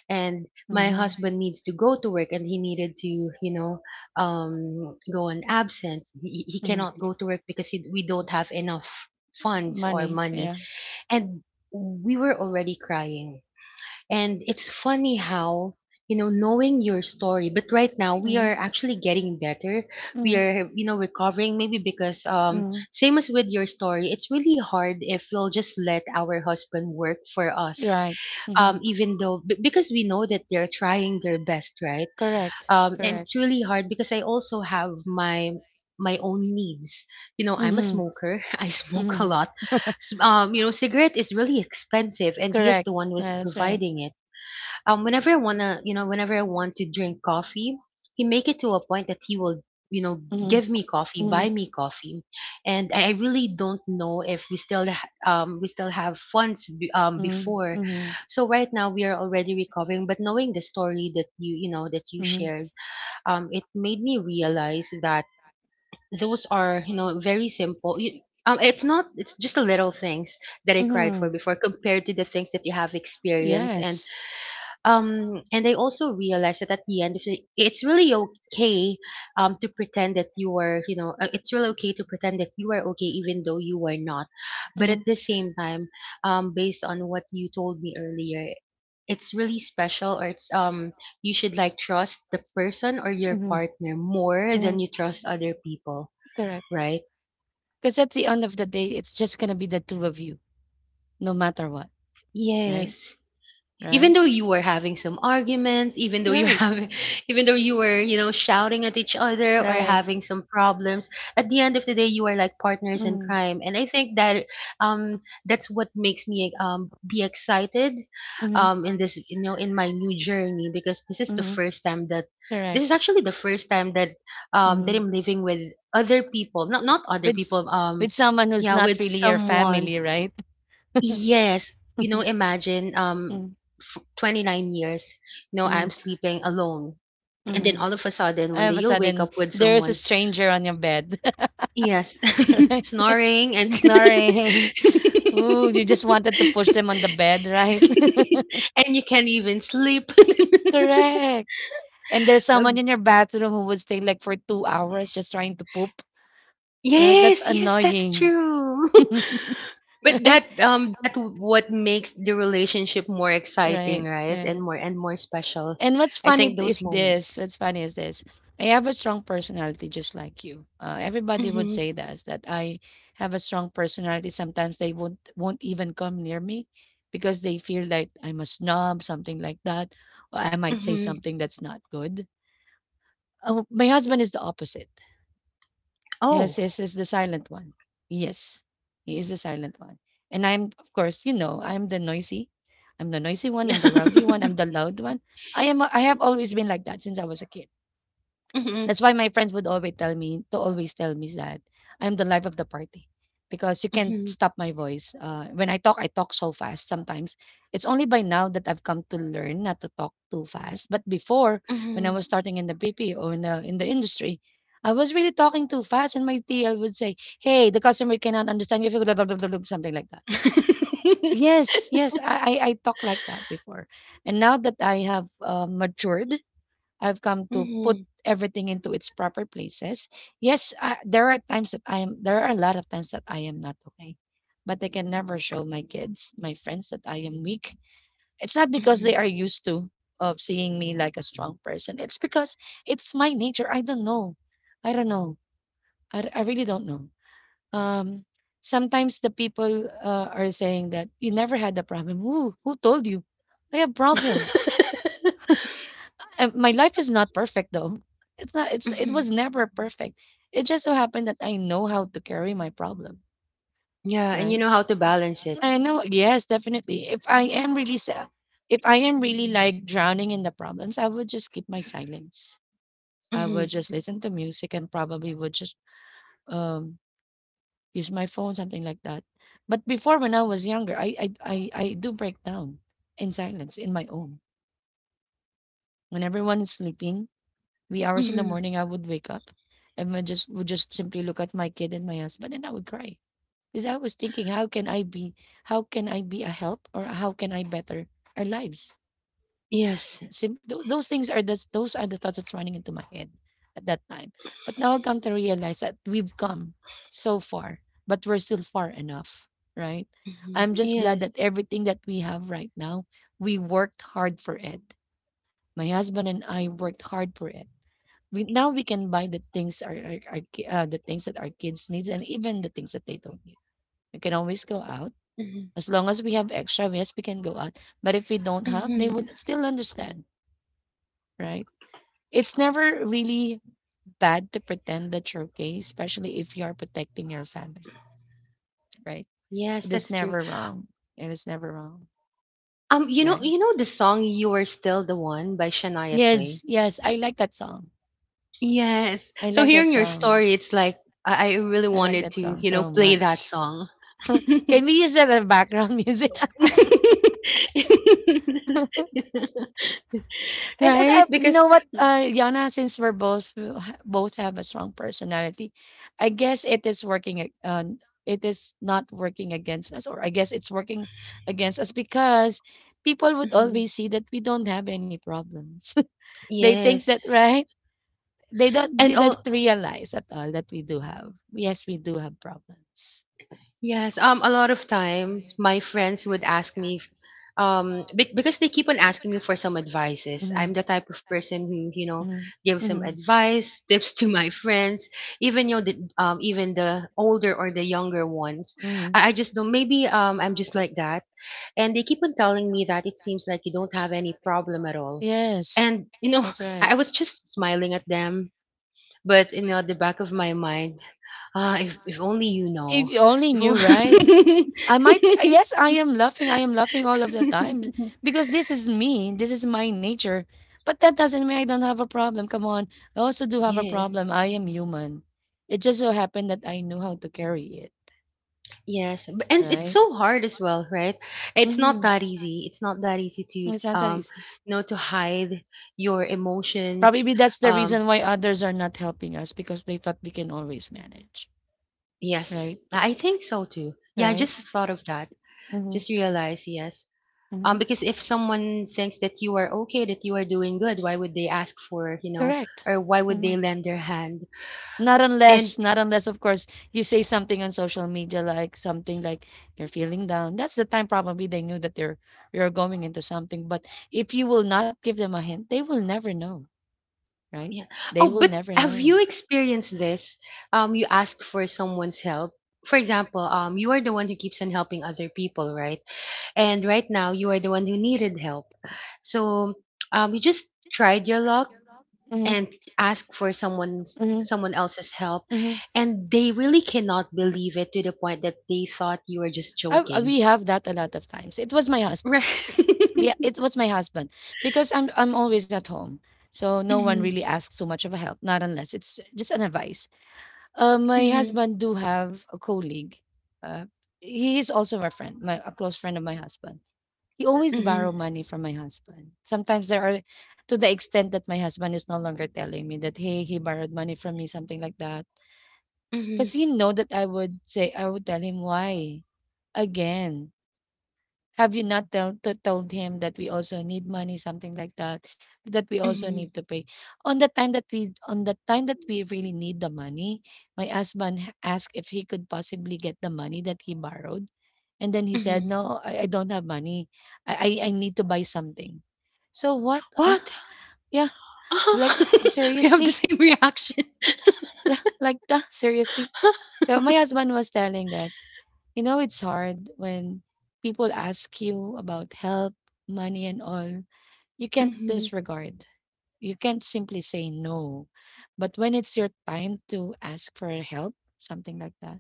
S2: And my
S1: mhm,
S2: husband needs to go to work, and he needed to you know go on absent. He
S1: mhm.
S2: cannot go to work because we don't have enough funds or
S1: Money.
S2: money.
S1: Yeah.
S2: And we were already crying. And it's funny how, you know, knowing your story, but right now we are actually getting better. We
S1: Mhm,
S2: are, you know, recovering, maybe because same as with your story, it's really hard if we'll just let our husband work for us.
S1: mhm.
S2: Even though because we know that they're trying their best, right? And it's really hard because I also have my own needs. You know, I'm a
S1: Mhm,
S2: smoker. I smoke a
S1: mhm,
S2: lot. You know, cigarette is really expensive, and he is the one who is providing it. Whenever I wanna, you know, Whenever I want to drink coffee, he make it to a point that he will, you know,
S1: mhm,
S2: give me coffee,
S1: mhm,
S2: buy me coffee, and I really don't know if we still have funds
S1: mhm,
S2: before.
S1: mhm,
S2: So right now we are already recovering, but knowing the story that that you
S1: mhm.
S2: shared, it made me realize that those are you know very simple. It's not. It's just the little things that I cried for before compared to the things that you have experienced. And
S1: Yes.
S2: And I also realized that, at the end of the it's really okay to pretend that you are you know it's really okay to pretend that you are okay even though you are not. But
S1: Mhm,
S2: at the same time, based on what you told me earlier, it's really special, or it's you should like trust the person or your partner more
S1: mhm.
S2: than you trust other people,
S1: Correct.
S2: right?
S1: Because at the end of the day, it's just gonna be the two of you, no matter what, right?
S2: Yes. Even
S1: Right?
S2: though you were having some arguments, even though you are having, even though you were you know shouting at each other or having some problems, at the end of the day you are like partners in crime. And I think that um that's what makes me be excited
S1: Mm-hmm,
S2: in this, you know, in my new journey, because this is the
S1: mm-hmm.
S2: first time that this is
S1: Correct.
S2: actually the first time that that
S1: Mhm.
S2: I'm living with other people, not other
S1: With s-
S2: people.
S1: with someone who's
S2: Yeah,
S1: not
S2: with
S1: really your
S2: someone.
S1: family, right?
S2: Yes, you know, imagine
S1: Mm-hmm,
S2: 29 years, you know, I'm sleeping alone. And
S1: mm-hmm.
S2: then all of a sudden
S1: All
S2: one day
S1: of a
S2: you'll wake
S1: sudden,
S2: up with
S1: there is a
S2: someone.
S1: stranger on your bed,
S2: Yes.
S1: right?
S2: Snoring, and
S1: Snoring. Ooh, you just wanted to push them on the bed, right?
S2: and you can't even sleep.
S1: Correct. And there's someone
S2: Um,
S1: in your bathroom who would stay like for 2 hours just trying to poop, right? That's
S2: yes, yes, that's
S1: annoying,
S2: true. But
S1: right?
S2: what makes the relationship more exciting,
S1: Right,
S2: right?
S1: right.
S2: And more special.
S1: And what's
S2: I
S1: funny
S2: think those
S1: is
S2: moments.
S1: this. What's funny is this. I have a strong personality just like you. Everybody would
S2: Mm-hmm.
S1: say that I have a strong personality. Sometimes they won't even come near me because they feel like I'm a snob, something like that. Or I might say
S2: Mhm.
S1: something that's not good. Oh, my husband is the opposite. Yes,
S2: Oh.
S1: yes, is the silent one. Yes, he is the silent one. And I'm, of course, I'm the noisy. I'm the noisy one. I'm the rowdy one. I'm the loud one. I am. I have always been like that since I was a kid.
S2: Mhm.
S1: That's why my friends would always tell me that I'm the life of the party because you can't
S2: Mhm.
S1: stop my voice. When I talk so fast sometimes. It's only by now that I've come to learn not to talk too fast. But before, when I
S2: Mhm.
S1: was starting in the BP or in the industry, I was really talking too fast, and my TL would say, "Hey, the customer cannot understand you, if you blah, blah, blah, blah, blah," something like that. Yes, yes, I talk like that before, and now that I have matured, I've come to put
S2: Mhm.
S1: everything into its proper places. Yes, I, there are times that I am, there are a lot of times that I am not okay, but I can never show my kids, my friends that I am weak. It's not because
S2: Mhm.
S1: they are used to of seeing me like a strong person. It's because it's my nature. I don't know. I don't know. I really don't know. Um, sometimes the people are saying that you never had a problem. Who told you? I have problems. My life is not perfect though. It
S2: Mhm.
S1: was never perfect. It just so happened that I know how to carry my problem,
S2: Yeah, and you
S1: right?
S2: know how to balance it.
S1: I know, yes, definitely. If I am really sa- if I am really like drowning in the problems, I would just keep my silence. I
S2: Mhm.
S1: would just listen to music and probably would just um use my phone, something like that. But before, when I was younger, I do break down in silence in my own when everyone is sleeping, wee hours in the
S2: Mhm.
S1: morning. I would wake up and I just would just simply look at my kid and my husband and I would cry. Because I was thinking, how can I be a help, or how can I better our lives?
S2: Yes.
S1: Those are the thoughts that's running into my head at that time. But now I come to realize that we've come so far, but we're still far enough, right?
S2: Mhm.
S1: I'm just glad
S2: Yes.
S1: that everything that we have right now, we worked hard for it. My husband and I worked hard for it. We can buy the things the things that our kids needs and even the things that they don't need. We can always go out
S2: Mhm.
S1: as long as we have extra. Yes, we can go out, but if we don't have, they
S2: Mhm.
S1: would still understand, right? It's never really bad to pretend that you're okay, especially if you are protecting your family, right?
S2: Yes,
S1: It is
S2: that's true.
S1: never wrong. It is never wrong,
S2: You know, you
S1: right?
S2: know the song "You Are Still the One" by Shania
S1: Yes,
S2: Twain.
S1: yes, I like that song.
S2: Yes.
S1: I
S2: So
S1: like that
S2: hearing your
S1: song.
S2: story, it's like I really
S1: I like
S2: wanted
S1: that
S2: to,
S1: song.
S2: you know, play that song.
S1: Can we use that as background music?
S2: Yeah.
S1: And
S2: Right,
S1: I, you
S2: because.
S1: know what, Yana, since we're both we ha- both have a strong personality, I guess it is working. It is not working against us, or I guess it's working against us because people would
S2: Mhm.
S1: always see that we don't have any problems. They think
S2: Yes.
S1: that, right. They don't
S2: And
S1: didn't
S2: all.
S1: realize at all that we do have. Yes, we do have problems.
S2: Yes. A lot of times my friends would ask me because they keep on asking me for some advices. I'm the type of person who you know
S1: Mm-hmm.
S2: gives some
S1: Mm-hmm.
S2: advice tips to my friends, even you know even the older or the younger ones.
S1: Mm-hmm.
S2: I just don't. Maybe I'm just like that. And they keep on telling me that it seems like you don't have any problem at all.
S1: Yes,
S2: And you know, I was just smiling at them, but you know, at the back of my mind, ah, if only you know,
S1: only
S2: if
S1: you, right? I might,
S2: only.
S1: yes, I am laughing. I am laughing all of the time because this is me. This is my nature. But that doesn't mean I don't have a problem. Come on. I also do have a
S2: Yes,
S1: problem. I am human. It just so happened that I knew how to carry it.
S2: yes. And it's so hard as well, right? It's
S1: Mhm,
S2: not that easy. It's not that easy
S1: Miss
S2: to
S1: Ansaris.
S2: you know, to hide your emotions.
S1: Probably that's the
S2: Um,
S1: reason why others are not helping us because they thought we can always manage.
S2: yes,
S1: Right?
S2: I think so too. Yeah, I
S1: Right?
S2: just thought of that.
S1: Mm-hmm.
S2: Just realized, yes.
S1: Mm-hmm.
S2: Because if someone thinks that you are okay, that you are doing good, why would they ask for, you know,
S1: Correct.
S2: or why would they lend their hand?
S1: Not unless
S2: And
S1: not unless, of course, you say something on social media, like something like you're feeling down. That's the time probably they knew that they're you're going into something. But if you will not give them a hint, they will never know, right?
S2: yeah.
S1: They
S2: Oh,
S1: will
S2: but
S1: never
S2: have
S1: know.
S2: you experienced this? You ask for someone's help. For example, you are the one who keeps on helping other people, right? And right now, you are the one who needed help. So, you just tried your luck
S1: Mhm.
S2: and asked for someone else's help, and they really cannot believe it to the point that they thought you were just
S1: I, I-
S2: joking.
S1: we have that a lot of times. It was my husband.
S2: Right.
S1: Yeah, it was my husband because I'm always at home, so no one
S2: Mhm,
S1: really asks so much of a help. Not unless it's just an advice. My
S2: mhm,
S1: husband do have a colleague. Uh, he is also my friend, my a close friend of my husband. He always
S2: mhm,
S1: borrow money from my husband. Sometimes there are, to the extent that my husband is no longer telling me that, hey, he borrowed money from me, something like that,
S2: mhm,
S1: because he know that I would tell him, why again, have you not tell to told him that we also need money, something like that, that we also need
S2: mhm,
S1: to pay? On the time that we on the time that we really need the money, my husband asked if he could possibly get the money that he borrowed. And then he said,
S2: mhm.
S1: No, I don't have money. I need to buy something. So what?
S2: What?
S1: Yeah, like,
S2: Uh-huh. We have
S1: seriously?
S2: the same reaction.
S1: Like that? Seriously? So my husband was telling that. You know, it's hard when people ask you about help, money, and all. You can't
S2: Mhm.
S1: disregard. You can't simply say no. But when it's your time to ask for help, something like that,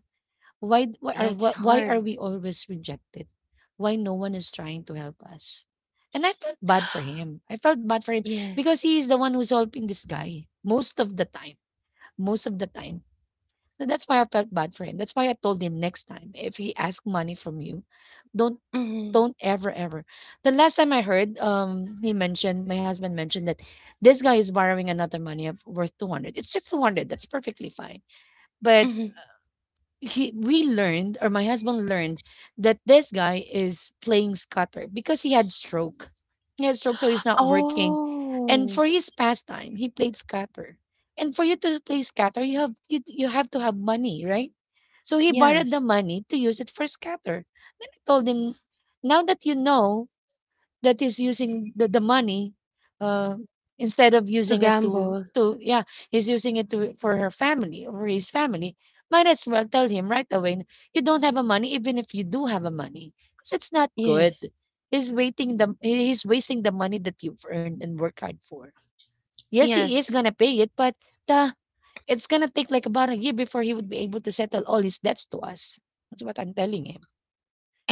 S1: why, why,
S2: Yeah,
S1: are,
S2: it's
S1: wh- why are
S2: hard.
S1: we always rejected? Why no one is trying to help us? And I felt bad for him.
S2: Yes.
S1: Because he is the one who's helping this guy most of the time. Most of the time so that's why I felt bad for him. That's why I told him, next time if he asks money from you, don't
S2: Mhm,
S1: don't ever, ever. The last time I heard, he mentioned, my husband mentioned, that this guy is borrowing another money of worth 200. It's just 200. That's perfectly fine. But
S2: mhm.
S1: he we learned, or my husband learned, that this guy is playing scutter because he had stroke, so he's not working. And for
S2: Oh,
S1: his pastime he played scatter. And for you to play scatter you have, you have to have money, right? So he borrowed
S2: yes.
S1: the money to use it for scatter. Then I told him, now that you know that is using the money, uh, instead of
S2: To
S1: using it to
S2: gamble.
S1: yeah, he's using it to, for her family or his family, might as well tell him right away, you don't have a money, even if you do have a money, because it's not good.
S2: Yes.
S1: He's wasting the money that you've earned and worked hard for. Yes, he is
S2: Yes.
S1: gonna pay it, but the it's gonna take like about a year before he would be able to settle all his debts to us. That's what I'm telling him.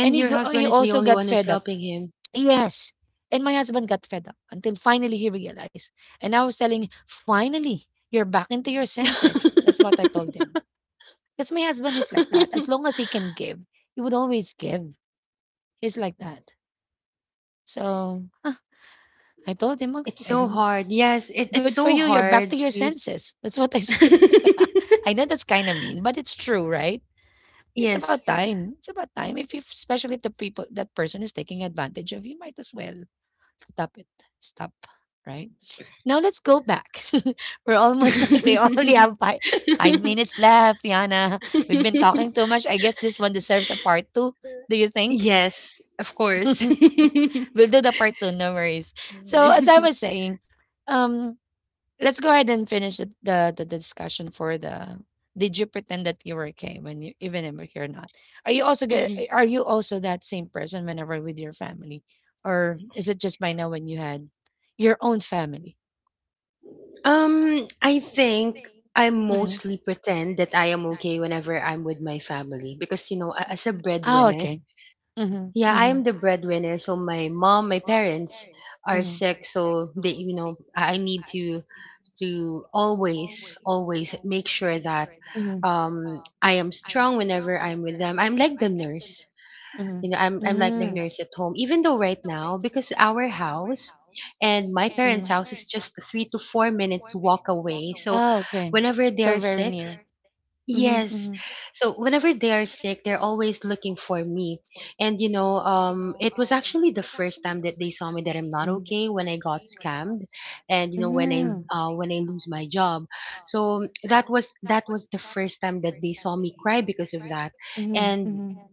S1: And
S2: your
S1: he
S2: husband is the
S1: also
S2: only
S1: got
S2: one who's
S1: fed up.
S2: helping him.
S1: Yes, and my husband got fed up until finally he realized. And I was telling, finally, you're back into your senses. That's what I told him. Because my husband is like that. As long as he can give, he would always give. He's like that. So, huh, I told him,
S2: It's
S1: "Okay," I
S2: so
S1: said,
S2: hard. Yes, it's
S1: good for
S2: so
S1: you. You're back
S2: hard
S1: to your
S2: to.
S1: senses. That's what I said. I know that's kind of mean, but it's true, right? It's
S2: Yes.
S1: about time. It's about time. If you, especially if the people, that person is taking advantage of you, might as well stop it. Stop, right? Now let's go back. We're almost, like, we only have 5 minutes left, Yana. We've been talking too much. I guess this one deserves a part two. Do you think?
S2: Yes, of course.
S1: We'll do the part two, no worries. So as I was saying, um, let's go ahead and finish the discussion for the, did you pretend that you were okay when you, even if you're not? Are you also are you also that same person whenever with your family? Or is it just by now when you had your own family?
S2: I think I mostly pretend that I am okay whenever I'm with my family because you know, as a
S1: Oh,
S2: breadwinner,
S1: okay. Mm-hmm,
S2: yeah, I
S1: mm-hmm.
S2: am the breadwinner. So my mom, my parents are
S1: Mhm,
S2: sick, so they, you know, I need to always, always make sure that
S1: mm,
S2: I am strong whenever I'm with them. I'm like the nurse. You
S1: mhm,
S2: know, I'm like the nurse at home. Even though right now, because our house and my parents' house is just a 3 to 4 minutes walk away. So
S1: okay.
S2: whenever
S1: So
S2: they are sick,
S1: mhm,
S2: yes.
S1: mhm,
S2: So whenever they are sick, they're always looking for me. And you know, it was actually the first time that they saw me that I'm not okay when I got scammed, and you know
S1: mhm,
S2: when I lose my job. So that was the first time that they saw me cry because of that. And
S1: mhm.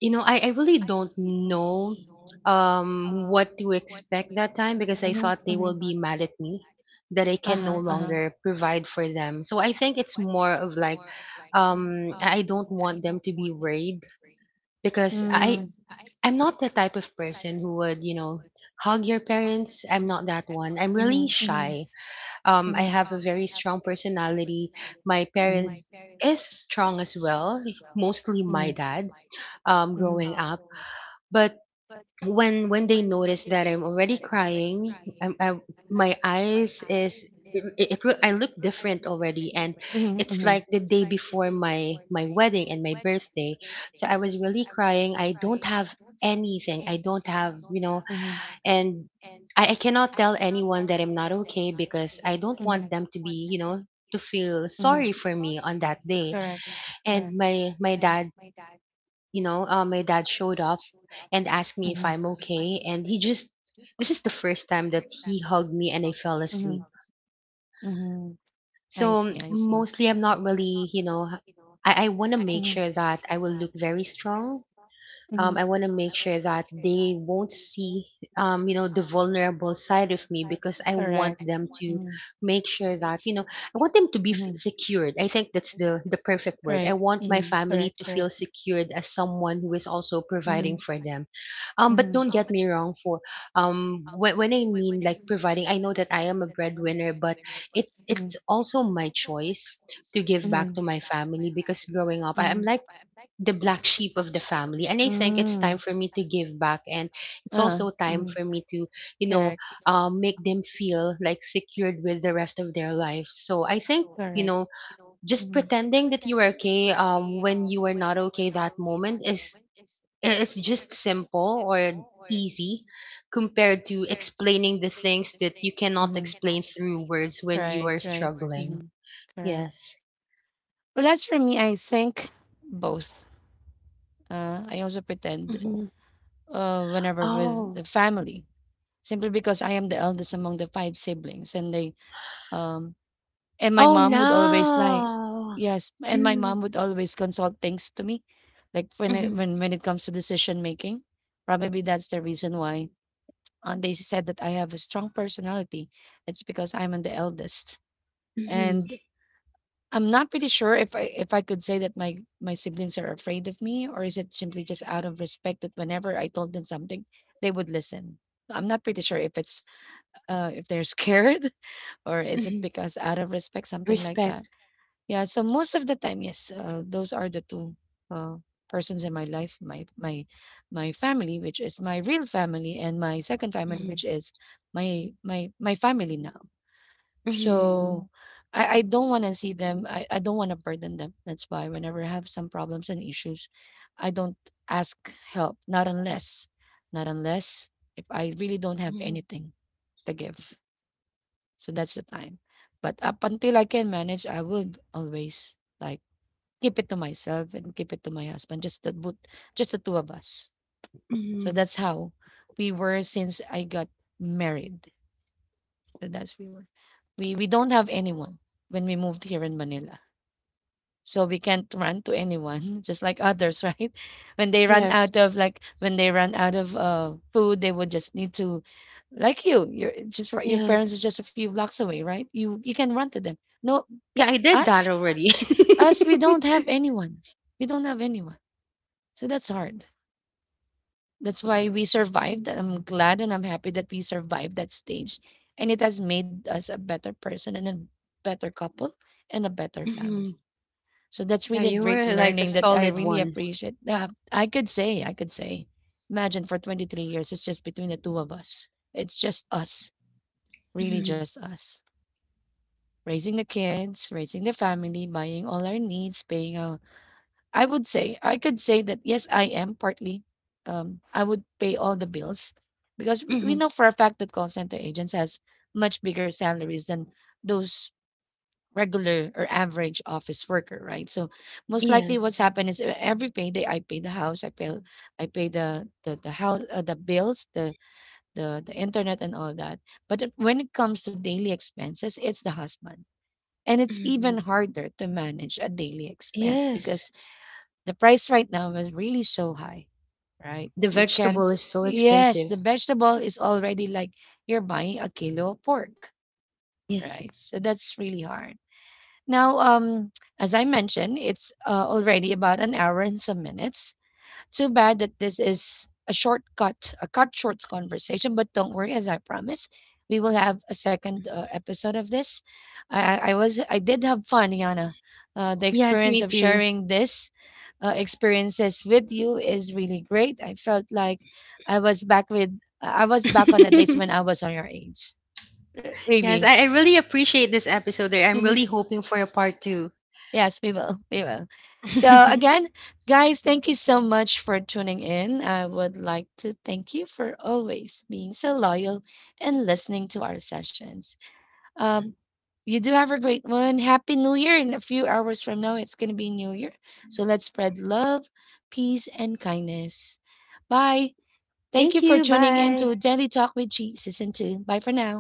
S2: you know, I really don't know what to expect that time because I thought they will be mad at me that I can no
S1: Uh-huh,
S2: longer provide for them. So I think it's more of like I don't want them to be worried because
S1: mhm,
S2: I'm not the type of person who would, you know, hug your parents. I'm not that one. I'm really
S1: mhm,
S2: shy. I
S1: mhm,
S2: have a very strong personality. My parents is strong as well, mostly my dad
S1: mhm,
S2: growing up. But when they notice that I'm already crying, I'm, I, my eyes is I look different already, and
S1: mhm,
S2: it's
S1: mhm,
S2: like the day before my wedding and my birthday. So I was really crying. I don't have anything. I don't have you know, and I cannot tell anyone that I'm not okay because I don't want them to be you know to feel
S1: mhm,
S2: sorry for me on that day.
S1: correct,
S2: And my dad showed up and asked me if
S1: mhm,
S2: I'm okay. And he just, this is the first time that he hugged me and I fell asleep.
S1: mhm. I
S2: So
S1: see,
S2: mostly I'm not really, you know, I want to make sure that I will look very strong.
S1: mhm,
S2: I want to make sure that they won't see, you know, the vulnerable side of me because I want them to make sure that, you know, I want them to be
S1: mhm,
S2: secured. I think that's the perfect word. I want my family to feel secured as someone who is also providing
S1: mhm,
S2: for them. But
S1: mhm,
S2: don't get me wrong. For when I mean like providing, I know that I am a breadwinner, but
S1: mhm.
S2: it's also my choice to give back to my family. Because growing up, I am like the black sheep of the family, and I think it's time for me to give back, and it's also time for me to you know
S1: Correct,
S2: make them feel like secured with the rest of their life. So I think
S1: correct.
S2: you
S1: Right.
S2: know, just
S1: Mhm,
S2: pretending that you are okay, when you are not okay, that moment is it's just simple or easy compared to explaining the things that you cannot explain through words when you are struggling.
S1: correct.
S2: Yes.
S1: Well, as for me, I think both. I also pretend,
S2: Mhm.
S1: whenever with
S2: Oh.
S1: the family, simply because I am the eldest among the five siblings, and they, um and my
S2: Oh,
S1: mom would always, like,
S2: no.
S1: yes, and my
S2: Mm.
S1: mom would always consult things to me, like when
S2: Mhm,
S1: when it comes to decision making. Probably that's the reason why Aunt Daisy said that I have a strong personality. It's because I'm the eldest,
S2: mhm,
S1: and I'm not pretty sure if I could say that my siblings are afraid of me, or is it simply just out of respect that whenever I told them something, they would listen. I'm not pretty sure if it's if they're scared or is it
S2: mhm.
S1: because out of respect, something like that.
S2: Respect.
S1: Yeah, so most of the time, yes, those are the two uh, persons in my life, my family, which is my real family, and my second family,
S2: Mhm,
S1: which is my family now.
S2: mhm,
S1: So, I don't want to see them. I don't want to burden them. That's why whenever I have some problems and issues, I don't ask help. Not unless if I really don't have
S2: mhm,
S1: anything to give. So that's the time. But up until I can manage, I would always like keep it to myself and keep it to my husband, just the both just the two of us. So
S2: mhm.
S1: that's how we were since I got married. So that's we were. We don't have anyone when we moved here in Manila. So we can't run to anyone, just like others, right? When they run
S2: Yes,
S1: out of food, they would just need to, like you. Your, just right, your
S2: yes.
S1: parents is just a few blocks away, right? You can run to them. No, c-
S2: Yeah, I did
S1: us
S2: that already.
S1: us, we don't have anyone. We don't have anyone. So that's hard. That's why we survived. I'm glad and I'm happy that we survived that stage. And it has made us a better person and a better couple and a better family.
S2: Mhm.
S1: So that's
S2: Yeah,
S1: really a
S2: you
S1: great
S2: were like a
S1: learning that I
S2: solid
S1: really
S2: one.
S1: appreciate. I could say, imagine for 23 years, it's just between the two of us. It's just us, really
S2: Mhm,
S1: just us. Raising the kids, raising the family, buying all our needs, paying our, I would say, I could say that yes, I am partly. I would pay all the bills because we
S2: mhm.
S1: know for a fact that call center agents has much bigger salaries than those regular or average office worker, right? So most likely, what's
S2: Yes.
S1: happened is, every payday I pay the house, I pay the house, the bills, the internet, and all that. But when it comes to daily expenses, it's the husband. And it's
S2: Mhm.
S1: even harder to manage a daily expense
S2: Yes.
S1: because the price right now is really so high, right?
S2: The
S1: You can't.
S2: vegetable is so
S1: Yes,
S2: expensive.
S1: the vegetable is already like you're buying a kilo of pork,
S2: Yes,
S1: right? So that's really hard. Now, as I mentioned, it's, already about an hour and some minutes. Too bad that this is a shortcut, a cut short conversation, but don't worry, as I promise, we will have a second, episode of this. I did have fun, Yana. The
S2: yes,
S1: experience
S2: me
S1: of
S2: too.
S1: sharing this, experiences with you is really great. I felt like I was back on the days when I was on your age.
S2: Yes,
S1: Really.
S2: I really appreciate this episode. I'm
S1: Mhm.
S2: really hoping for a part two.
S1: Yes, we will. We will. So again, guys, thank you so much for tuning in. I would like to thank you for always being so loyal and listening to our sessions. Um, you do have a great one. Happy New Year. In a few hours from now, it's going to be New Year. So let's spread love, peace, and kindness. Bye. Thank you
S2: Thank
S1: for
S2: you.
S1: tuning in
S2: Bye.
S1: to Daily Talk with Jesus and Two. Bye for now.